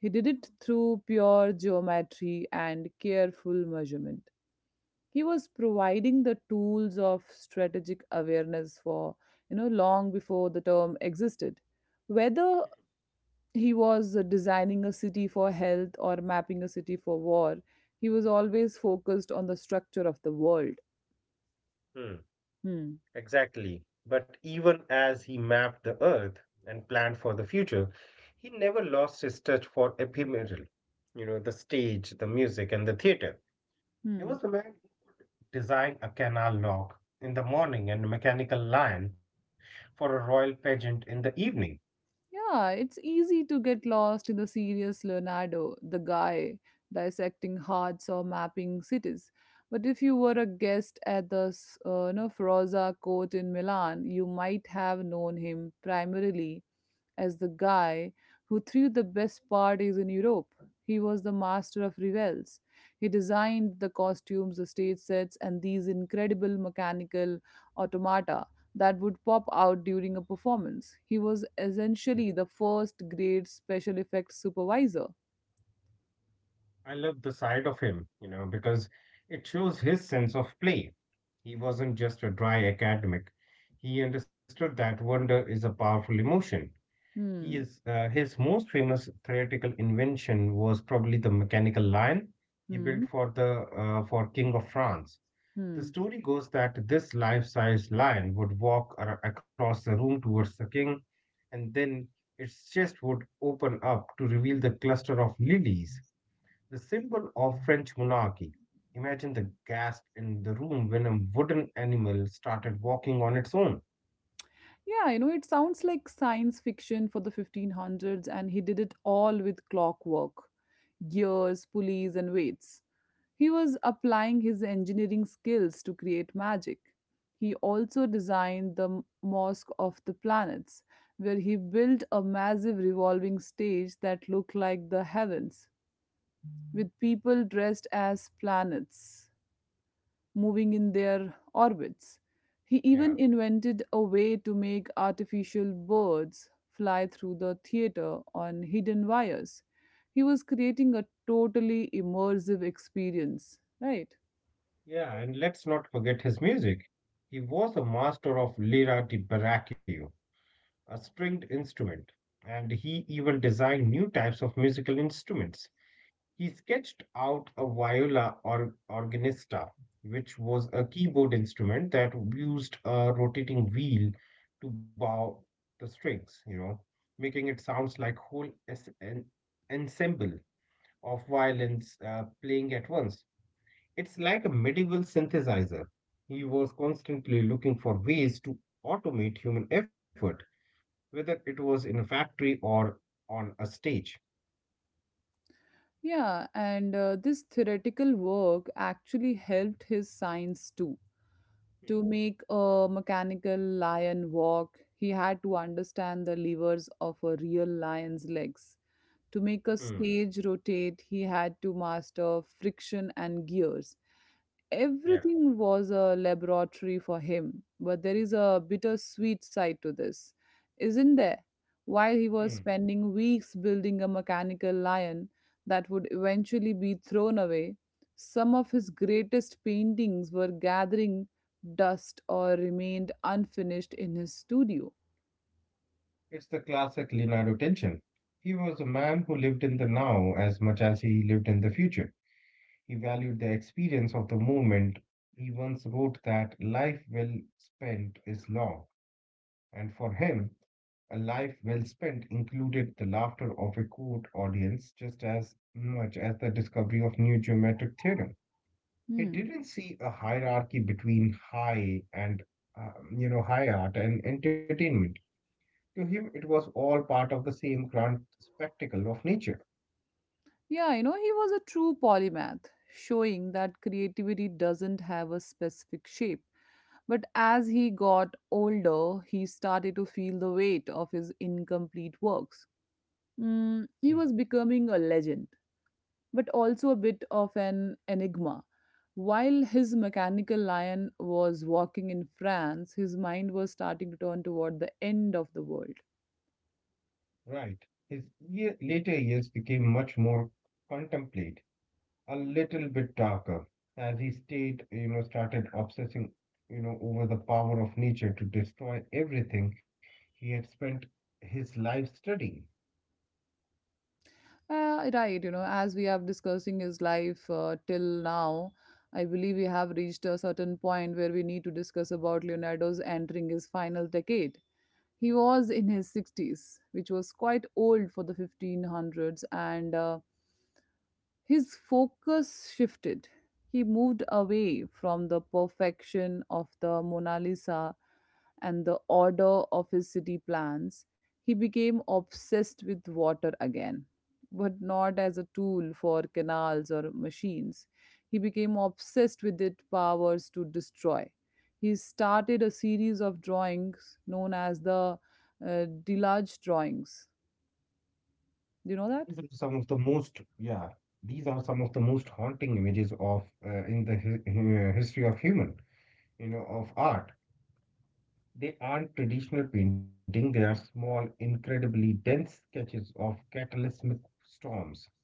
Speaker 1: He did it through pure geometry and careful measurement. He was providing the tools of strategic awareness for, you know, long before the term existed. Whether he was designing a city for health or mapping a city for war, he was always focused on the structure of the world.
Speaker 2: Hmm.
Speaker 1: Hmm.
Speaker 2: Exactly. But even as he mapped the earth and planned for the future, he never lost his touch for ephemeral, you know, the stage, the music, and the theater. He
Speaker 1: Hmm.
Speaker 2: was the man who designed a canal lock in the morning and a mechanical lion for a royal pageant in the evening.
Speaker 1: Yeah, it's easy to get lost in the serious Leonardo, the guy dissecting hearts or mapping cities. But if you were a guest at the you know, Ferrazza court in Milan, you might have known him primarily as the guy who threw the best parties in Europe. He was the master of revels. He designed the costumes, the stage sets, and these incredible mechanical automata that would pop out during a performance. He was
Speaker 2: Mhm.
Speaker 1: essentially the first grade special effects supervisor.
Speaker 2: I love the side of him, you know, because it shows his sense of play. He wasn't just a dry academic. He understood that wonder is a powerful emotion. He
Speaker 1: Hmm.
Speaker 2: is, uh, his most famous theoretical invention was probably the mechanical lion he
Speaker 1: Hmm.
Speaker 2: built for the for King of France. The
Speaker 1: Hmm.
Speaker 2: story goes that this life-size lion would across the room towards the king, and then its chest would open up to reveal the cluster of lilies, the symbol of French monarchy. Imagine the gasp in the room when a wooden animal started walking on its own.
Speaker 1: Yeah, you know, it sounds like science fiction for the 1500s, and he did it all with clockwork, gears, pulleys, and weights. He was applying his engineering skills to create magic. He also designed the M- Mosque of the Planets, where he built a massive revolving stage that looked like the heavens, with people dressed as planets moving in their orbits. He
Speaker 2: Yeah.
Speaker 1: even invented a way to make artificial birds fly through the theater on hidden wires. He was creating a totally immersive experience, right?
Speaker 2: Yeah, and let's not forget his music. He was a master of lira di baracchio, a stringed instrument, and he even designed new types of musical instruments. He sketched out a viola or organista, which was a keyboard instrument that used a rotating wheel to bow the strings, you know, making it sounds like an ensemble of violins playing at once. It's like a medieval synthesizer. He was constantly looking for ways to automate human effort, whether it was in a factory or on a stage.
Speaker 1: Yeah, and this theoretical work actually helped his science too.
Speaker 2: Hmm.
Speaker 1: To make a mechanical lion walk, he had to understand the levers of a real lion's legs. To make a
Speaker 2: Hmm.
Speaker 1: stage rotate, he had to master friction and gears.
Speaker 2: Yeah.
Speaker 1: Everything was a laboratory for him. But there is a bittersweet side to this, isn't there? While he
Speaker 2: Hmm.
Speaker 1: was spending weeks building a mechanical lion that would eventually be thrown away, some of his greatest paintings were gathering dust or remained unfinished in his studio.
Speaker 2: It's the classic Leonardo tension. He was a man who lived in the now as much as he lived in the future. He valued the experience of the moment. He once wrote that life well spent is long. And for him, a life well spent included the laughter of a court audience just as much as the discovery of new geometric theorem. He
Speaker 1: Hmm.
Speaker 2: didn't see a hierarchy between high art and entertainment. To him, it was all part of the same grand spectacle of nature.
Speaker 1: Yeah, you know, he was a true polymath, showing that creativity doesn't have a specific shape. But as he got older, he started to feel the weight of his incomplete works.
Speaker 2: Hmm.
Speaker 1: He was becoming a legend, but also a bit of an enigma. While his mechanical lion was walking in France, his mind was starting to turn toward the end of the world.
Speaker 2: Right. His later years became much more contemplate, a little bit darker as he started obsessing, over the power of nature to destroy everything he had spent his life studying.
Speaker 1: Right, as we have discussing his life till now, I believe we have reached a certain point where we need to discuss about Leonardo's entering his final decade. He was in his sixties, which was quite old for the 1500s, and his focus shifted. He moved away from the perfection of the Mona Lisa and the order of his city plans. He became obsessed with water again, but not as a tool for canals or machines. He became obsessed with its powers to destroy. He started a series of drawings known as the Delage drawings. Do
Speaker 2: These
Speaker 1: you
Speaker 2: are
Speaker 1: know that?
Speaker 2: some of the most, yeah, these are some of the most haunting images of in the history of human, of art. They aren't traditional painting, they are small, incredibly dense sketches of cataclysmic storms.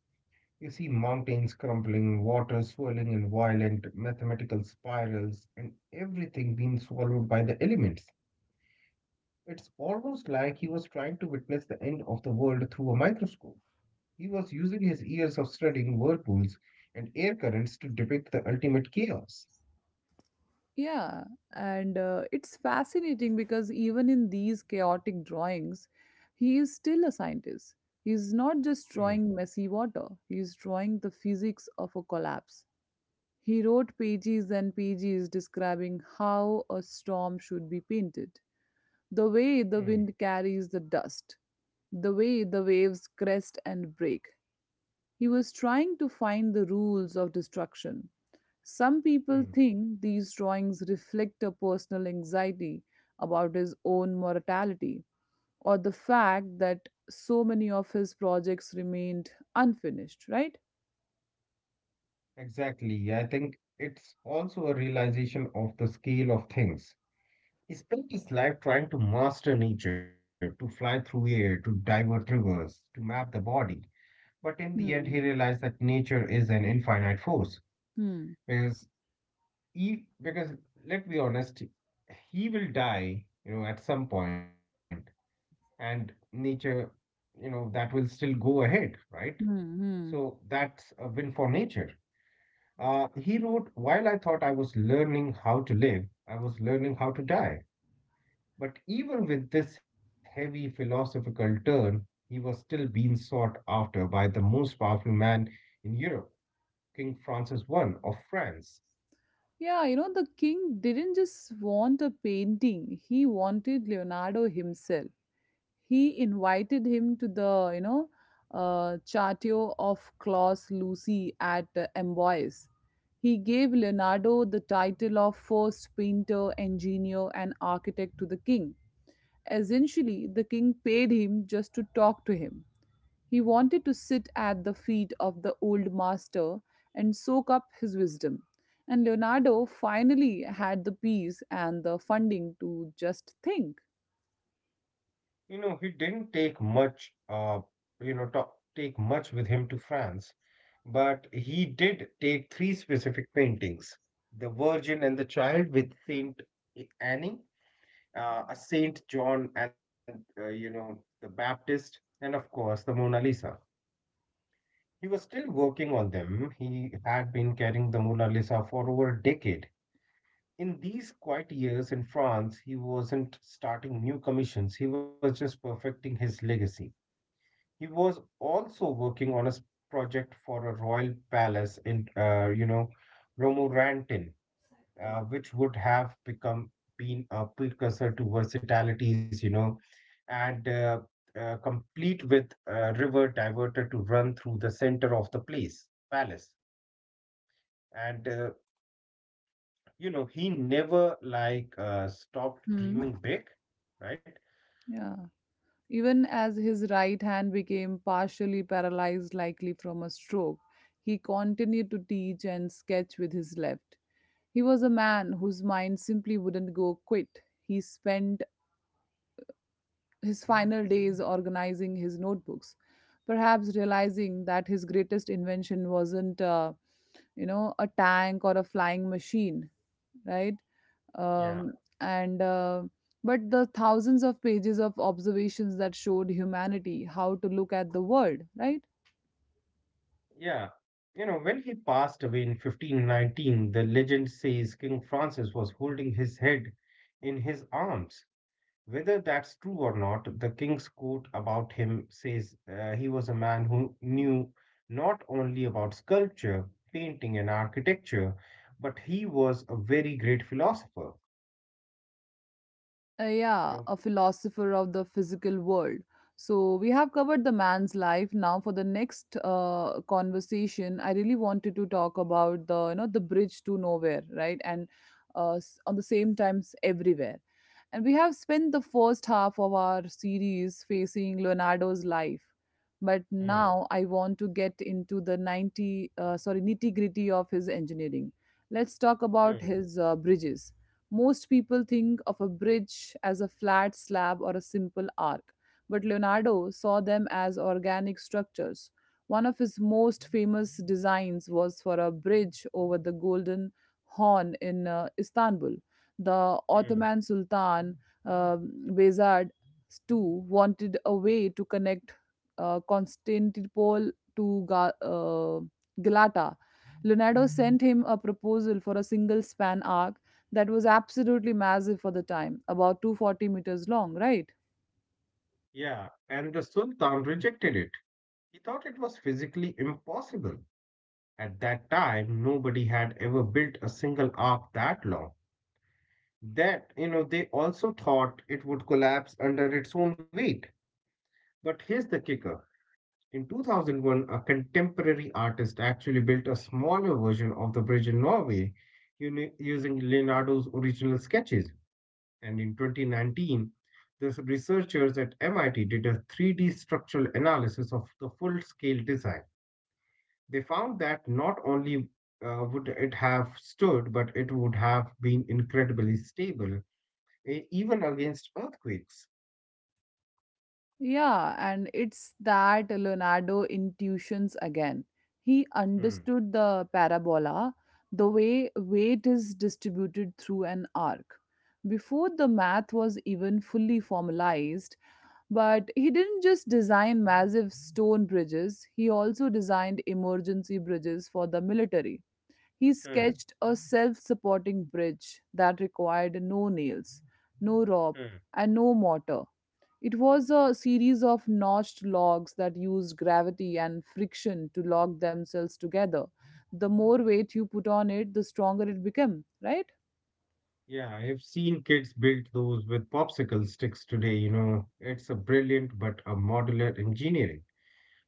Speaker 2: You see mountains crumbling, water swirling in violent mathematical spirals, and everything being swallowed by the elements. It's almost like he was trying to witness the end of the world through a microscope. He was using his years of studying whirlpools and air currents to depict the ultimate chaos.
Speaker 1: Yeah, and it's fascinating because even in these chaotic drawings, he is still a scientist. He's not just
Speaker 2: Hmm,
Speaker 1: drawing messy water, he's drawing the physics of a collapse. He wrote pages and pages describing how a storm should be painted, the way the
Speaker 2: hmm,
Speaker 1: wind carries the dust, the way the waves crest and break. He was trying to find the rules of destruction. Some people
Speaker 2: hmm.
Speaker 1: think these drawings reflect a personal anxiety about his own mortality or the fact that so many of his projects remained unfinished, right?
Speaker 2: Exactly. I think it's also a realization of the scale of things. He spent his life trying to master nature, to fly through air, to divert rivers, to map the body. But in the end, he
Speaker 1: Hmm.
Speaker 2: realized that nature is an infinite force.
Speaker 1: Hmm.
Speaker 2: Because because let's be honest, he will die, you know, at some point, and nature, you know, that will still go ahead, right?
Speaker 1: Hmm. Hmm.
Speaker 2: So that's a win for nature. He wrote, "While I thought I was learning how to live, I was learning how to die." But even with this heavy philosophical turn, he was still being sought after by the most powerful man in Europe, King Francis I of France.
Speaker 1: Yeah, the king didn't just want a painting, he wanted Leonardo himself. He invited him to the, Chateau of Claus Lucy at Amboise. He gave Leonardo the title of first painter, engineer, and architect to the king. Essentially, the king paid him just to talk to him. He wanted to sit at the feet of the old master and soak up his wisdom. And Leonardo finally had the peace and the funding to just think.
Speaker 2: You know, he didn't you know, to- take much with him to France, but he did take three specific paintings: the Virgin and the Child with Saint Annie, a Saint John, and the Baptist, and of course the Mona Lisa. He was still working on them. He had been carrying the Mona Lisa for over a decade. In these quiet years in France, he wasn't starting new commissions, he was just perfecting his legacy. He was also working on a project for a royal palace in, Romorantin, which would have become been a precursor to versatilities, you know, and complete with a river diverted to run through the center of the place palace. And uh, he never stopped
Speaker 1: Hmm.
Speaker 2: dreaming big, right?
Speaker 1: Yeah. Even as his right hand became partially paralyzed, likely from a stroke, he continued to teach and sketch with his left. He was a man whose mind simply wouldn't go quit. He spent his final days organizing his notebooks, perhaps realizing that his greatest invention wasn't, a tank or a flying machine, right?
Speaker 2: Yeah,
Speaker 1: um, and But the thousands of pages of observations that showed humanity how to look at the world, right?
Speaker 2: yeah. You know, when he passed away in 1519, the legend says King Francis was holding his head in his arms. Whether that's true or not, the king's quote about him says he was a man who knew not only about sculpture, painting, and architecture, but he was a very great philosopher.
Speaker 1: Yeah,
Speaker 2: No.
Speaker 1: a philosopher of the physical world. So we have covered the man's life. Now for the next conversation, I really wanted to talk about the, you know, the bridge to nowhere, right? And on the same times everywhere. And we have spent the first half of our series facing Leonardo's life. But
Speaker 2: Hmm,
Speaker 1: now I want to get into the 90, sorry, nitty gritty of his engineering. Let's talk about
Speaker 2: hmm,
Speaker 1: his bridges. Most people think of a bridge as a flat slab or a simple arc, but Leonardo saw them as organic structures. One of his most famous designs was for a bridge over the Golden Horn in Istanbul. The
Speaker 2: hmm.
Speaker 1: Ottoman Sultan uh, Behzad II wanted a way to connect Constantinople to Galata. Leonardo sent him a proposal for a single span arc that was absolutely massive for the time, about 240 meters long, right?
Speaker 2: Yeah, and the Sultan rejected it. He thought it was physically impossible. At that time, nobody had ever built a single ark that long. That, you know, they also thought it would collapse under its own weight. But here's the kicker. In 2001, a contemporary artist actually built a smaller version of the bridge in Norway using Leonardo's original sketches. And in 2019, the researchers at MIT did a 3D structural analysis of the full scale design. They found that not only would it have stood, but it would have been incredibly stable, even against earthquakes.
Speaker 1: Yeah, and it's that Leonardo intuitions again. He
Speaker 2: Hmm,
Speaker 1: understood the parabola, the way weight is distributed through an arc, before the math was even fully formalized. But he didn't just design massive stone bridges, he also designed emergency bridges for the military. He
Speaker 2: hmm,
Speaker 1: sketched a self supporting bridge that required no nails, no rope,
Speaker 2: hmm.
Speaker 1: and no mortar. It was a series of notched logs that used gravity and friction to lock themselves together. The more weight you put on it, the stronger it became, right?
Speaker 2: Yeah, I've seen kids build those with popsicle sticks today, you know. It's a brilliant but a modular engineering.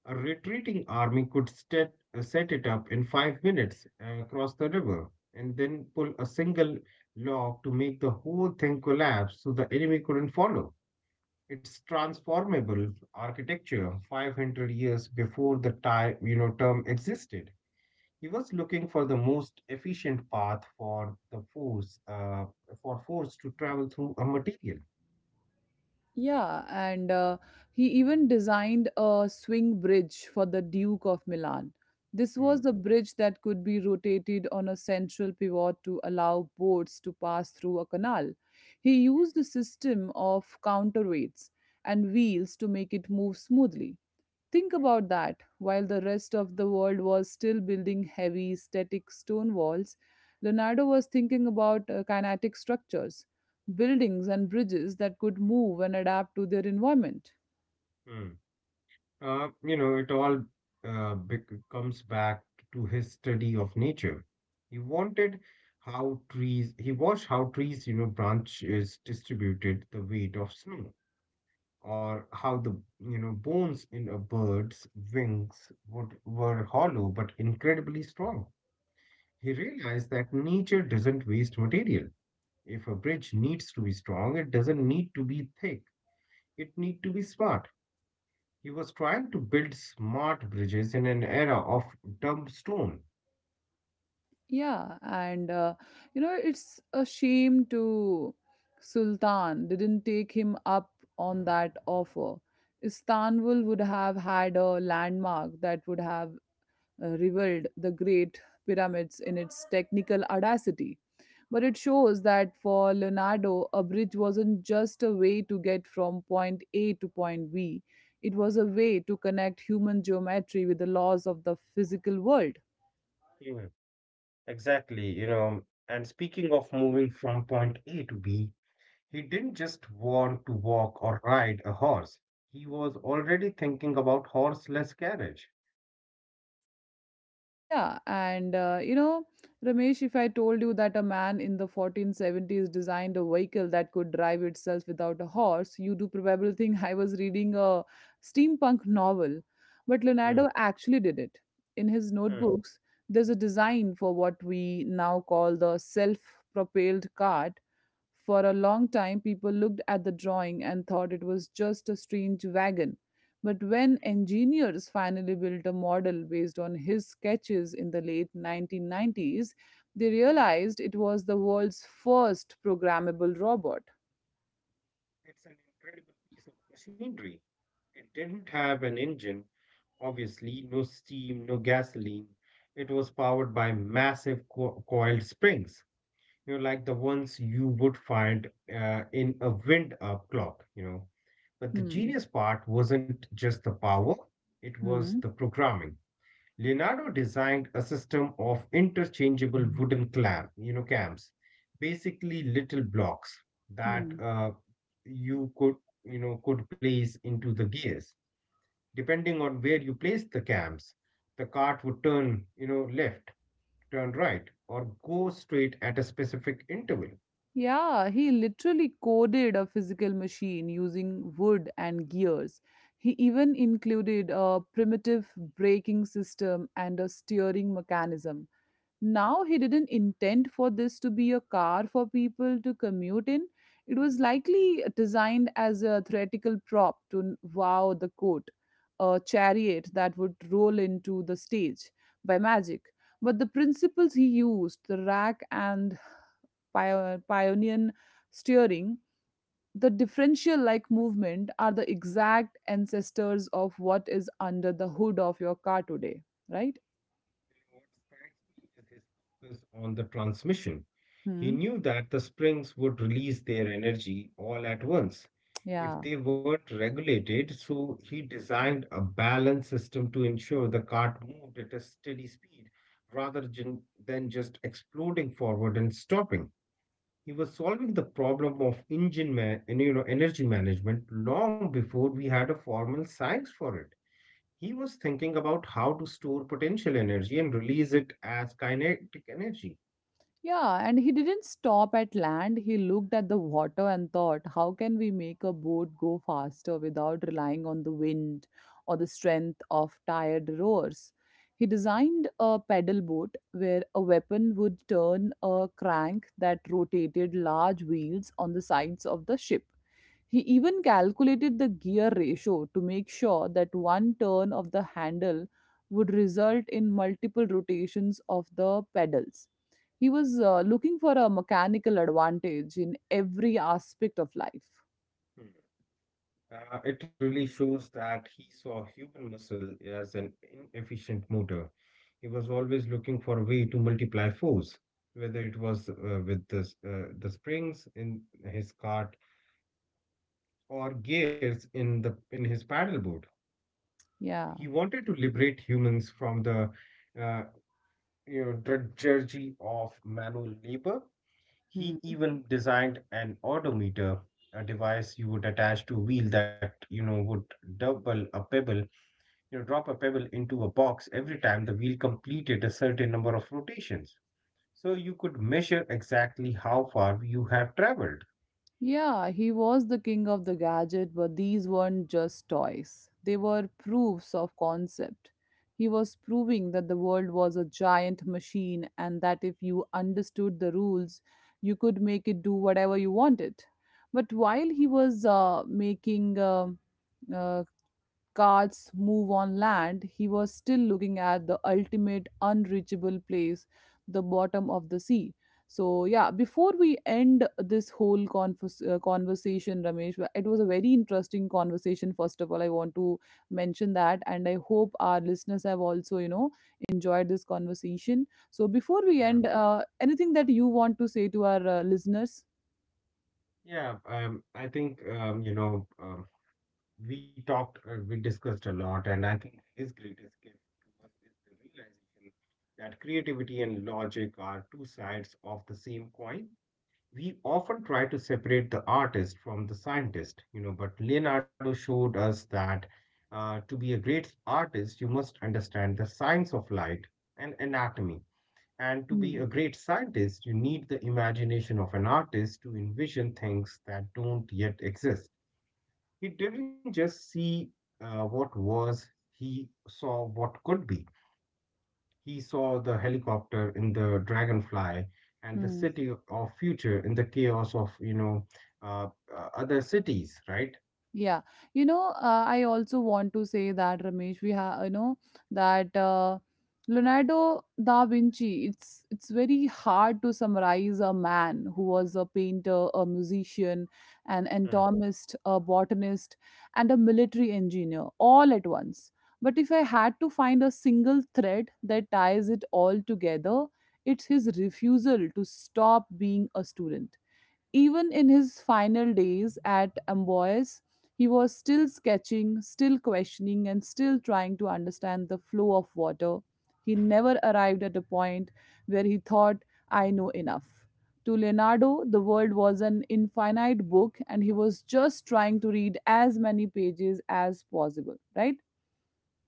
Speaker 2: A retreating army could set it up in 5 minutes across the river and then pull a single log to make the whole thing collapse so the enemy couldn't follow. It's transformable architecture 500 years before the time, you know, term existed. He was looking for the most efficient path for for force to travel through a material.
Speaker 1: Yeah, and he even designed a swing bridge for the Duke of Milan. This
Speaker 2: Hmm.
Speaker 1: was a bridge that could be rotated on a central pivot to allow boats to pass through a canal. He used a system of counterweights and wheels to make it move smoothly. Think about that. While the rest of the world was still building heavy, static stone walls, Leonardo was thinking about kinetic structures, buildings and bridges that could move and adapt to their environment.
Speaker 2: Hmm. It all bec comes back to his study of nature. He wanted he watched how trees, you know, branches distributed the weight of snow, or how the, you know, bones in a bird's wings were hollow but incredibly strong. He realized that nature doesn't waste material. If a bridge needs to be strong, it doesn't need to be thick. It need to be smart. He was trying to build smart bridges in an era of dumb stone.
Speaker 1: Yeah, it's a shame to Sultan didn't take him up on that offer. Istanbul would have had a landmark that would have reviled the Great Pyramids in its technical audacity. But it shows that for Leonardo, a bridge wasn't just a way to get from point A to point B, it was a way to connect human geometry with the laws of the physical world.
Speaker 2: Yeah, exactly. You know, and speaking of moving from point A to B, he didn't just want to walk or ride a horse. He was already thinking about horseless carriage.
Speaker 1: Yeah, Ramesh, if I told you that a man in the 1470s designed a vehicle that could drive itself without a horse, you do probably think I was reading a steampunk novel. But
Speaker 2: Hmm,
Speaker 1: Leonardo actually did it. In his
Speaker 2: hmm.
Speaker 1: notebooks, there's a design for what we now call the self propelled cart. For a long time, people looked at the drawing and thought it was just a strange wagon. But when engineers finally built a model based on his sketches in the late 1990s, they realized it was the world's first programmable robot.
Speaker 2: It's an incredible piece of machinery. It didn't have an engine. Obviously, no steam, no gasoline. It was powered by massive coiled springs, you know, like the ones you would find in a wind-up clock, you know. But the
Speaker 1: Hmm.
Speaker 2: genius part wasn't just the power, it was the
Speaker 1: Hmm.
Speaker 2: programming. Leonardo designed a system of interchangeable wooden cams, basically little blocks that
Speaker 1: Hmm.
Speaker 2: you could, you know, could place into the gears. Depending on where you place the cams, the cart would turn, you know, left, turn right, or go straight at a specific interval.
Speaker 1: Yeah, he literally coded a physical machine using wood and gears. He even included a primitive braking system and a steering mechanism. Now he didn't intend for this to be a car for people to commute in. It was likely designed as a theatrical prop to wow the court, a chariot that would roll into the stage by magic. But the principles he used, the rack and pioneer steering, the differential like movement are the exact ancestors of what is under the hood of your car today, right?
Speaker 2: What strikes me is his focus on the transmission. He
Speaker 1: Hmm.
Speaker 2: knew that the springs would release their energy all at once
Speaker 1: Yeah.
Speaker 2: if they weren't regulated, so he designed a balanced system to ensure the cart moved at a steady speed than just exploding forward and stopping. He was solving the problem of engine man, and, you know, energy management long before we had a formal science for it. He was thinking about how to store potential energy and release it as kinetic energy.
Speaker 1: Yeah, and he didn't stop at land. He looked at the water and thought, how can we make a boat go faster without relying on the wind or the strength of tired rowers? He designed a pedal boat where a weapon would turn a crank that rotated large wheels on the sides of the ship. He even calculated the gear ratio to make sure that one turn of the handle would result in multiple rotations of the pedals. He was looking for a mechanical advantage in every aspect of life.
Speaker 2: Hmm. It really shows that he saw human muscle as an inefficient motor. He was always looking for a way to multiply force, whether it was with the springs in his cart or gears in the in his paddleboard.
Speaker 1: Yeah.
Speaker 2: He wanted to liberate humans from the uh, drudgery of manual labor.
Speaker 1: Hmm.
Speaker 2: He even designed an odometer, a device you would attach to a wheel that you know would double a pebble, you know, drop a pebble into a box every time the wheel completed a certain number of rotations. So you could measure exactly how far you have traveled.
Speaker 1: Yeah, he was the king of the gadget, but these weren't just toys. They were proofs of concept. He was proving that the world was a giant machine and that if you understood the rules, you could make it do whatever you wanted. But while he was making uh, carts move on land, he was still looking at the ultimate unreachable place, the bottom of the sea. So, yeah, before we end this whole conversation, Ramesh, it was a very interesting conversation. First of all, I want to mention that, and I hope our listeners have also, you know, enjoyed this conversation. So, before we
Speaker 2: Yeah.
Speaker 1: end, anything that you want to say to our listeners?
Speaker 2: Yeah, I think you know we talked, we discussed a lot, and I think his greatest gift to us is the realization that creativity and logic are two sides of the same coin. We often try to separate the artist from the scientist, you know, but Leonardo showed us that to be a great artist, you must understand the science of light and anatomy. And to be a
Speaker 1: Hmm.
Speaker 2: great scientist, you need the imagination of an artist to envision things that don't yet exist. He didn't just see what was, he saw what could be. He saw the helicopter in the dragonfly and the
Speaker 1: Hmm.
Speaker 2: city of future in the chaos of, uh, other cities, right?
Speaker 1: Yeah, you know, I also want to say that, Ramesh, we have, you know, that Leonardo da Vinci. It's very hard to summarize a man who was a painter, a musician, an
Speaker 2: Mm.
Speaker 1: anatomist, a botanist, and a military engineer all at once. But if I had to find a single thread that ties it all together, it's his refusal to stop being a student. Even in his final days at Amboise, he was still sketching, still questioning, and still trying to understand the flow of water. He never arrived at a point where he thought, I know enough. To Leonardo, the world was an infinite book, and he was just trying to read as many pages as possible, right?
Speaker 2: Yeah.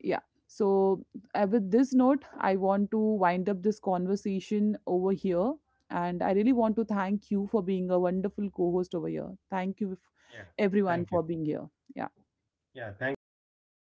Speaker 1: Yeah. So, with this note, I want to wind up this conversation over here. And I really want to thank you for being a wonderful co host over here. Thank you,
Speaker 2: Yeah. Thank
Speaker 1: everyone,
Speaker 2: you.
Speaker 1: for being here. Yeah.
Speaker 2: Yeah. Thank you, everyone, for